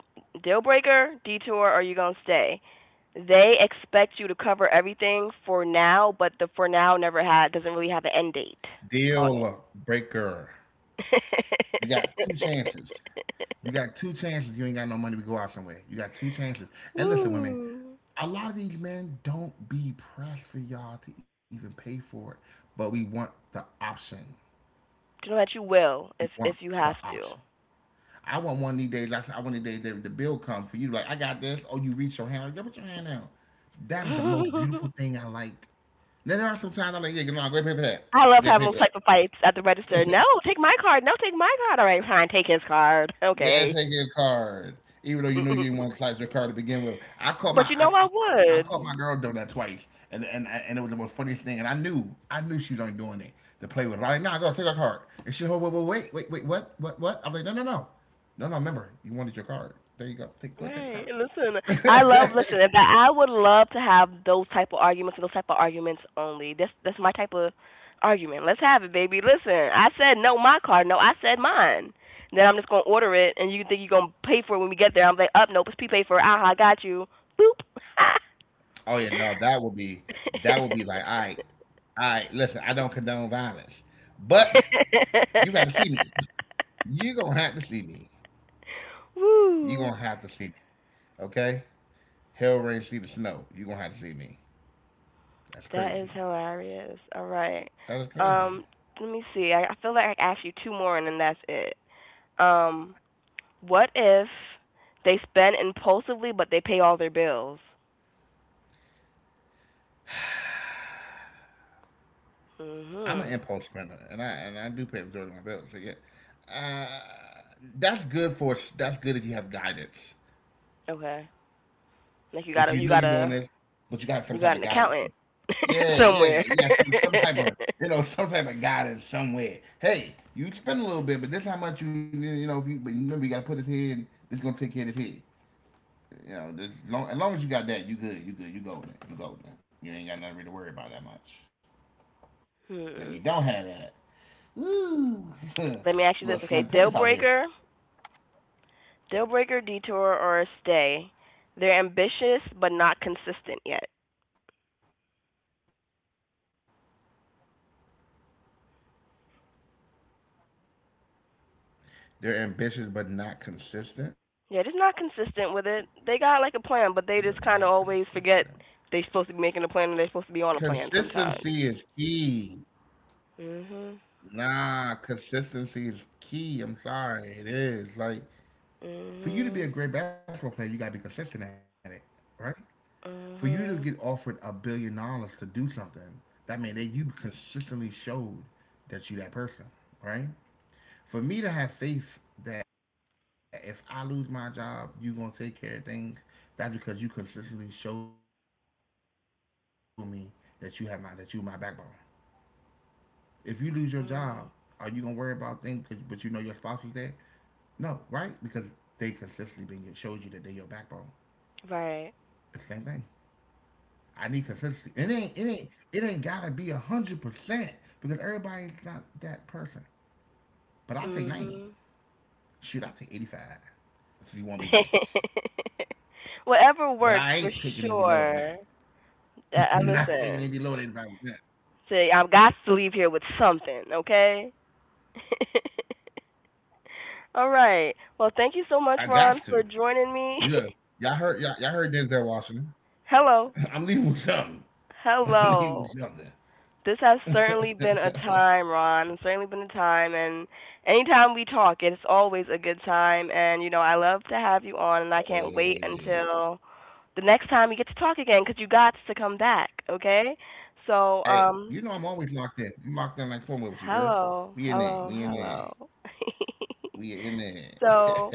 Speaker 1: deal breaker, detour? Are you gonna stay? They expect you to cover everything for now, but the for now never had, doesn't really have an end date on it.
Speaker 2: Deal breaker. You got two chances. You got two chances. You ain't got no money to go out somewhere. You got two chances. And listen, women,
Speaker 1: Woo.
Speaker 2: a lot of these men don't be pressed for y'all to even pay for it, but we want the option.
Speaker 1: You know that you will
Speaker 2: We
Speaker 1: if
Speaker 2: want
Speaker 1: you have
Speaker 2: the
Speaker 1: to.
Speaker 2: option. I want one of these days. I said, I want these days that the bill come for you. Like I got this. Oh, you reach your hand. Like, yeah, put your hand down. That is the most beautiful thing I like. Now there are some times I'm like, yeah, no, go ahead and pay for that.
Speaker 1: I love
Speaker 2: Go ahead and
Speaker 1: having
Speaker 2: pay
Speaker 1: those
Speaker 2: for that.
Speaker 1: type of fights at the register. No, take my card. No, take my card. All right, fine, take his card.
Speaker 2: Yeah,
Speaker 1: Okay.
Speaker 2: take your card. Even though you knew you didn't want to collect your card to begin with. I caught my
Speaker 1: But you
Speaker 2: I,
Speaker 1: know I
Speaker 2: I, I caught
Speaker 1: would.
Speaker 2: my girl doing that twice. And it was the most funniest thing. And I knew she was only doing it to play with it. I'm like, nah, go take her card. And she, wait, wait, wait, wait, wait, what? What? I'm like, no, no, no. No, no, remember, you wanted your card. There you go. Take Go take a
Speaker 1: Right.
Speaker 2: card.
Speaker 1: Listen, I love, listen, and I would love to have those type of arguments and those type of arguments only. That's my type of argument. Let's have it, baby. Listen, I said no, my car. No, I said mine. Then I'm just gonna order it, and you think you're gonna pay for it when we get there? I'm like, up, nope, it's P pay for it. Ah, I got you. Boop.
Speaker 2: Oh yeah, no, that would be like, all right, listen, I don't condone violence. But you gotta see me. You gonna have to see me. You
Speaker 1: Woo.
Speaker 2: gonna have to see me. Okay? Hell rain, see the snow. You gonna have to see me. That's
Speaker 1: That is
Speaker 2: crazy.
Speaker 1: hilarious. All right.
Speaker 2: That is crazy.
Speaker 1: Um, let me see. I feel like I asked you two more, and then that's it. Um. What if they spend impulsively, but they pay all their bills?
Speaker 2: I'm an
Speaker 1: Mhm.
Speaker 2: impulse spender, and I do pay the majority of my bills. So yeah, uh, that's good if you have guidance.
Speaker 1: Okay. Like you
Speaker 2: If
Speaker 1: got a,
Speaker 2: you
Speaker 1: you
Speaker 2: know
Speaker 1: got
Speaker 2: you're doing
Speaker 1: a,
Speaker 2: this, but you got some
Speaker 1: you
Speaker 2: type
Speaker 1: got
Speaker 2: of
Speaker 1: an
Speaker 2: guidance.
Speaker 1: accountant
Speaker 2: Yeah, yeah,
Speaker 1: somewhere.
Speaker 2: yeah. Some, some type of you know some type of guidance somewhere. Hey, you spend a little bit, but this is how much you you know. If you, but remember, you got to put it here, and this gonna take care of this here. You know, as long as you got that, you good, you good, you golden, you golden. You ain't got nothing really to worry about that much. Now you
Speaker 1: Hmm.
Speaker 2: don't have that. Ooh,
Speaker 1: Let me ask you this,
Speaker 2: little
Speaker 1: okay?
Speaker 2: slim pickings out here.
Speaker 1: Deal breaker, detour, or stay. They're ambitious but not consistent yet.
Speaker 2: They're ambitious but not consistent. Is
Speaker 1: Yeah,
Speaker 2: that
Speaker 1: just
Speaker 2: what
Speaker 1: not
Speaker 2: you're asking me?
Speaker 1: consistent with it. They got
Speaker 2: They're
Speaker 1: like a plan,
Speaker 2: ambitious
Speaker 1: but
Speaker 2: but
Speaker 1: they just
Speaker 2: not
Speaker 1: kind of always
Speaker 2: consistent.
Speaker 1: forget they're supposed to be making a plan and they're supposed to be on a plan sometimes.
Speaker 2: Consistency is key.
Speaker 1: Mhm.
Speaker 2: Nah, consistency is key. I'm sorry, it is. Like
Speaker 1: Mhm.
Speaker 2: for you to be a great basketball player, you gotta be consistent at it, right? For you to
Speaker 1: Mhm.
Speaker 2: get offered $1 billion to do something, that means that you consistently showed that person, right? For me to have faith that if I lose my job, you gonna take care of things. That's because you consistently show me that you my backbone. If you lose your job, are you gonna worry about things? But you know your spouse
Speaker 1: Mm,
Speaker 2: is there. No, right? Because they consistently been showed you that they your backbone. It's the same thing.
Speaker 1: right.
Speaker 2: I need consistency. It ain't gotta be 100% because everybody's not that person. But I take 90. Shoot,
Speaker 1: Mhm.
Speaker 2: I take 85. If you want to be nice. But I ain't
Speaker 1: Whatever
Speaker 2: taking
Speaker 1: works
Speaker 2: anything
Speaker 1: for
Speaker 2: lower than that.
Speaker 1: sure.
Speaker 2: I'm not
Speaker 1: I
Speaker 2: taking anything lower than
Speaker 1: listen.
Speaker 2: 85%.
Speaker 1: See, I've got to leave here with something, okay? All right. Well, thank you so
Speaker 2: I
Speaker 1: much,
Speaker 2: got
Speaker 1: Ron,
Speaker 2: to.
Speaker 1: for joining me.
Speaker 2: You know, y'all heard Denzel Washington.
Speaker 1: Hello.
Speaker 2: I'm leaving with something. I'm leaving
Speaker 1: Hello.
Speaker 2: with something.
Speaker 1: This has certainly been a time, Ron. It's certainly been a time, and anytime we talk, it's always a good time. And you know, I love to have you on, and I can't wait
Speaker 2: Hey,
Speaker 1: until the next time we get to talk again, because you got to come back, okay? So,
Speaker 2: hey, you know I'm always locked in. You locked in like formula with you,
Speaker 1: hello,
Speaker 2: girl.
Speaker 1: hello,
Speaker 2: We in there. We
Speaker 1: hello.
Speaker 2: in there. We in
Speaker 1: So,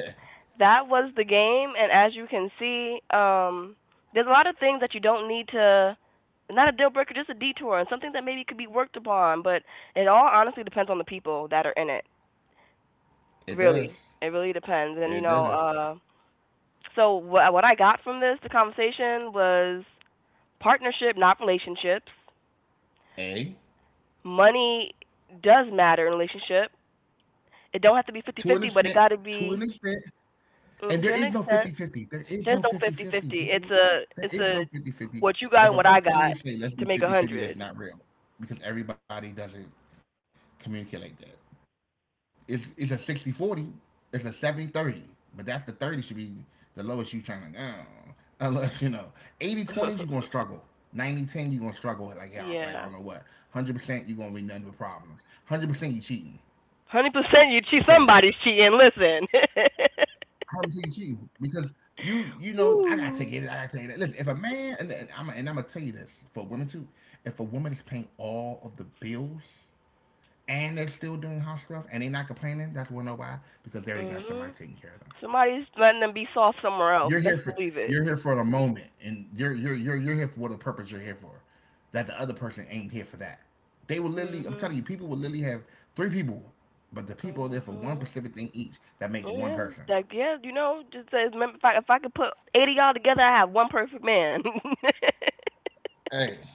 Speaker 1: that was the game, and as you can see, there's a lot of things that you don't need to, not a deal breaker, just a detour, and something that maybe could be worked upon. But it all honestly depends on the people that are in it, really. It really
Speaker 2: It does.
Speaker 1: depends. And you know,
Speaker 2: It does.
Speaker 1: so what I got from this, the conversation, was partnership, not relationships.
Speaker 2: A
Speaker 1: Money does matter in a relationship. It don't have to be 50 50, but it got to be,
Speaker 2: To an extent. To an
Speaker 1: mm,
Speaker 2: extent.
Speaker 1: to an extent.
Speaker 2: And there is no
Speaker 1: There's no 50
Speaker 2: 50-50. There
Speaker 1: 50.
Speaker 2: is
Speaker 1: It's
Speaker 2: no
Speaker 1: a, it's
Speaker 2: 50-50,
Speaker 1: a
Speaker 2: people.
Speaker 1: what
Speaker 2: There
Speaker 1: you
Speaker 2: is
Speaker 1: got and
Speaker 2: no
Speaker 1: what I got
Speaker 2: 50-50.
Speaker 1: to
Speaker 2: If a
Speaker 1: make a
Speaker 2: person comes to you
Speaker 1: hundred.
Speaker 2: and say, let's do 50-50, 50, that's not real because everybody doesn't communicate like that. It's a 60-40. It's a 70-30. But that's the 30 should be the lowest you trying to go. Unless, you know, 80 20s, you're going to struggle. 90-10 you're going to struggle like,
Speaker 1: Yeah,
Speaker 2: y'all, like I don't know what. 100%, you're going to be nothing but problems. 100% you cheating.
Speaker 1: 100%. You cheat.
Speaker 2: I'm going to tell
Speaker 1: Somebody's
Speaker 2: you that.
Speaker 1: cheating. Listen.
Speaker 2: Completely cheating because I gotta
Speaker 1: Woo.
Speaker 2: take it. I gotta take it. Listen, if a man and I'm gonna tell you this for women too, if a woman is paying all of the bills and they're still doing house stuff and they're not complaining, that's when know why because they already got somebody
Speaker 1: Mhm.
Speaker 2: taking care of them.
Speaker 1: Somebody's letting them be soft somewhere else.
Speaker 2: You're here
Speaker 1: Best
Speaker 2: for
Speaker 1: believe it.
Speaker 2: you're here for the moment and you're here for what the purpose you're here for. That the other person ain't here for that. They will literally, I'm
Speaker 1: Mhm.
Speaker 2: telling you, people will literally have three people, but the people are there for one
Speaker 1: Mhm.
Speaker 2: specific thing each that make
Speaker 1: Oh
Speaker 2: one
Speaker 1: yeah.
Speaker 2: person.
Speaker 1: Like yeah, you know, just says. Remember, if I could put 80 y'all together, I have one perfect man.
Speaker 2: Hey,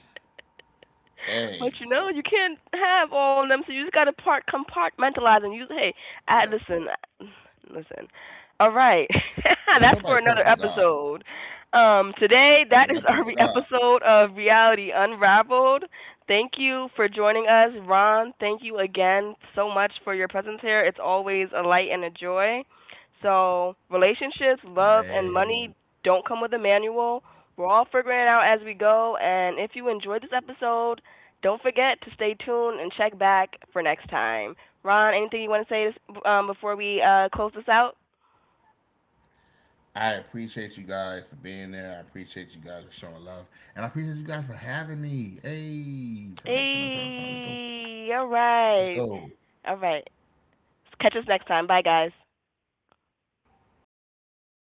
Speaker 1: But you
Speaker 2: hey.
Speaker 1: know, you can't have all of them, so you just gotta part compartmentalize, and you, hey, I,
Speaker 2: Look,
Speaker 1: listen, listen.
Speaker 2: ain't
Speaker 1: All
Speaker 2: nobody
Speaker 1: right,
Speaker 2: perfect but God.
Speaker 1: that's for another episode.
Speaker 2: Ain't nobody perfect but God.
Speaker 1: Today that is our episode of Reality Unraveled. Thank you for joining us, Ron. Thank you again so much for your presence here. It's always a light and a joy. So relationships, love, and
Speaker 2: I
Speaker 1: money don't come with a manual. We're all figuring it out as we go. And if you enjoyed this episode, don't forget to stay tuned and check back for next time. Ron, anything you want to say this, before we close this out?
Speaker 2: I appreciate you guys for being there. I appreciate you guys for showing love, and I appreciate you guys for having me. Hey, turn up, turn up, turn up, turn up. Let's go.
Speaker 1: Hey, all
Speaker 2: Let's
Speaker 1: right.
Speaker 2: go.
Speaker 1: All right. Catch us next time. Bye, guys.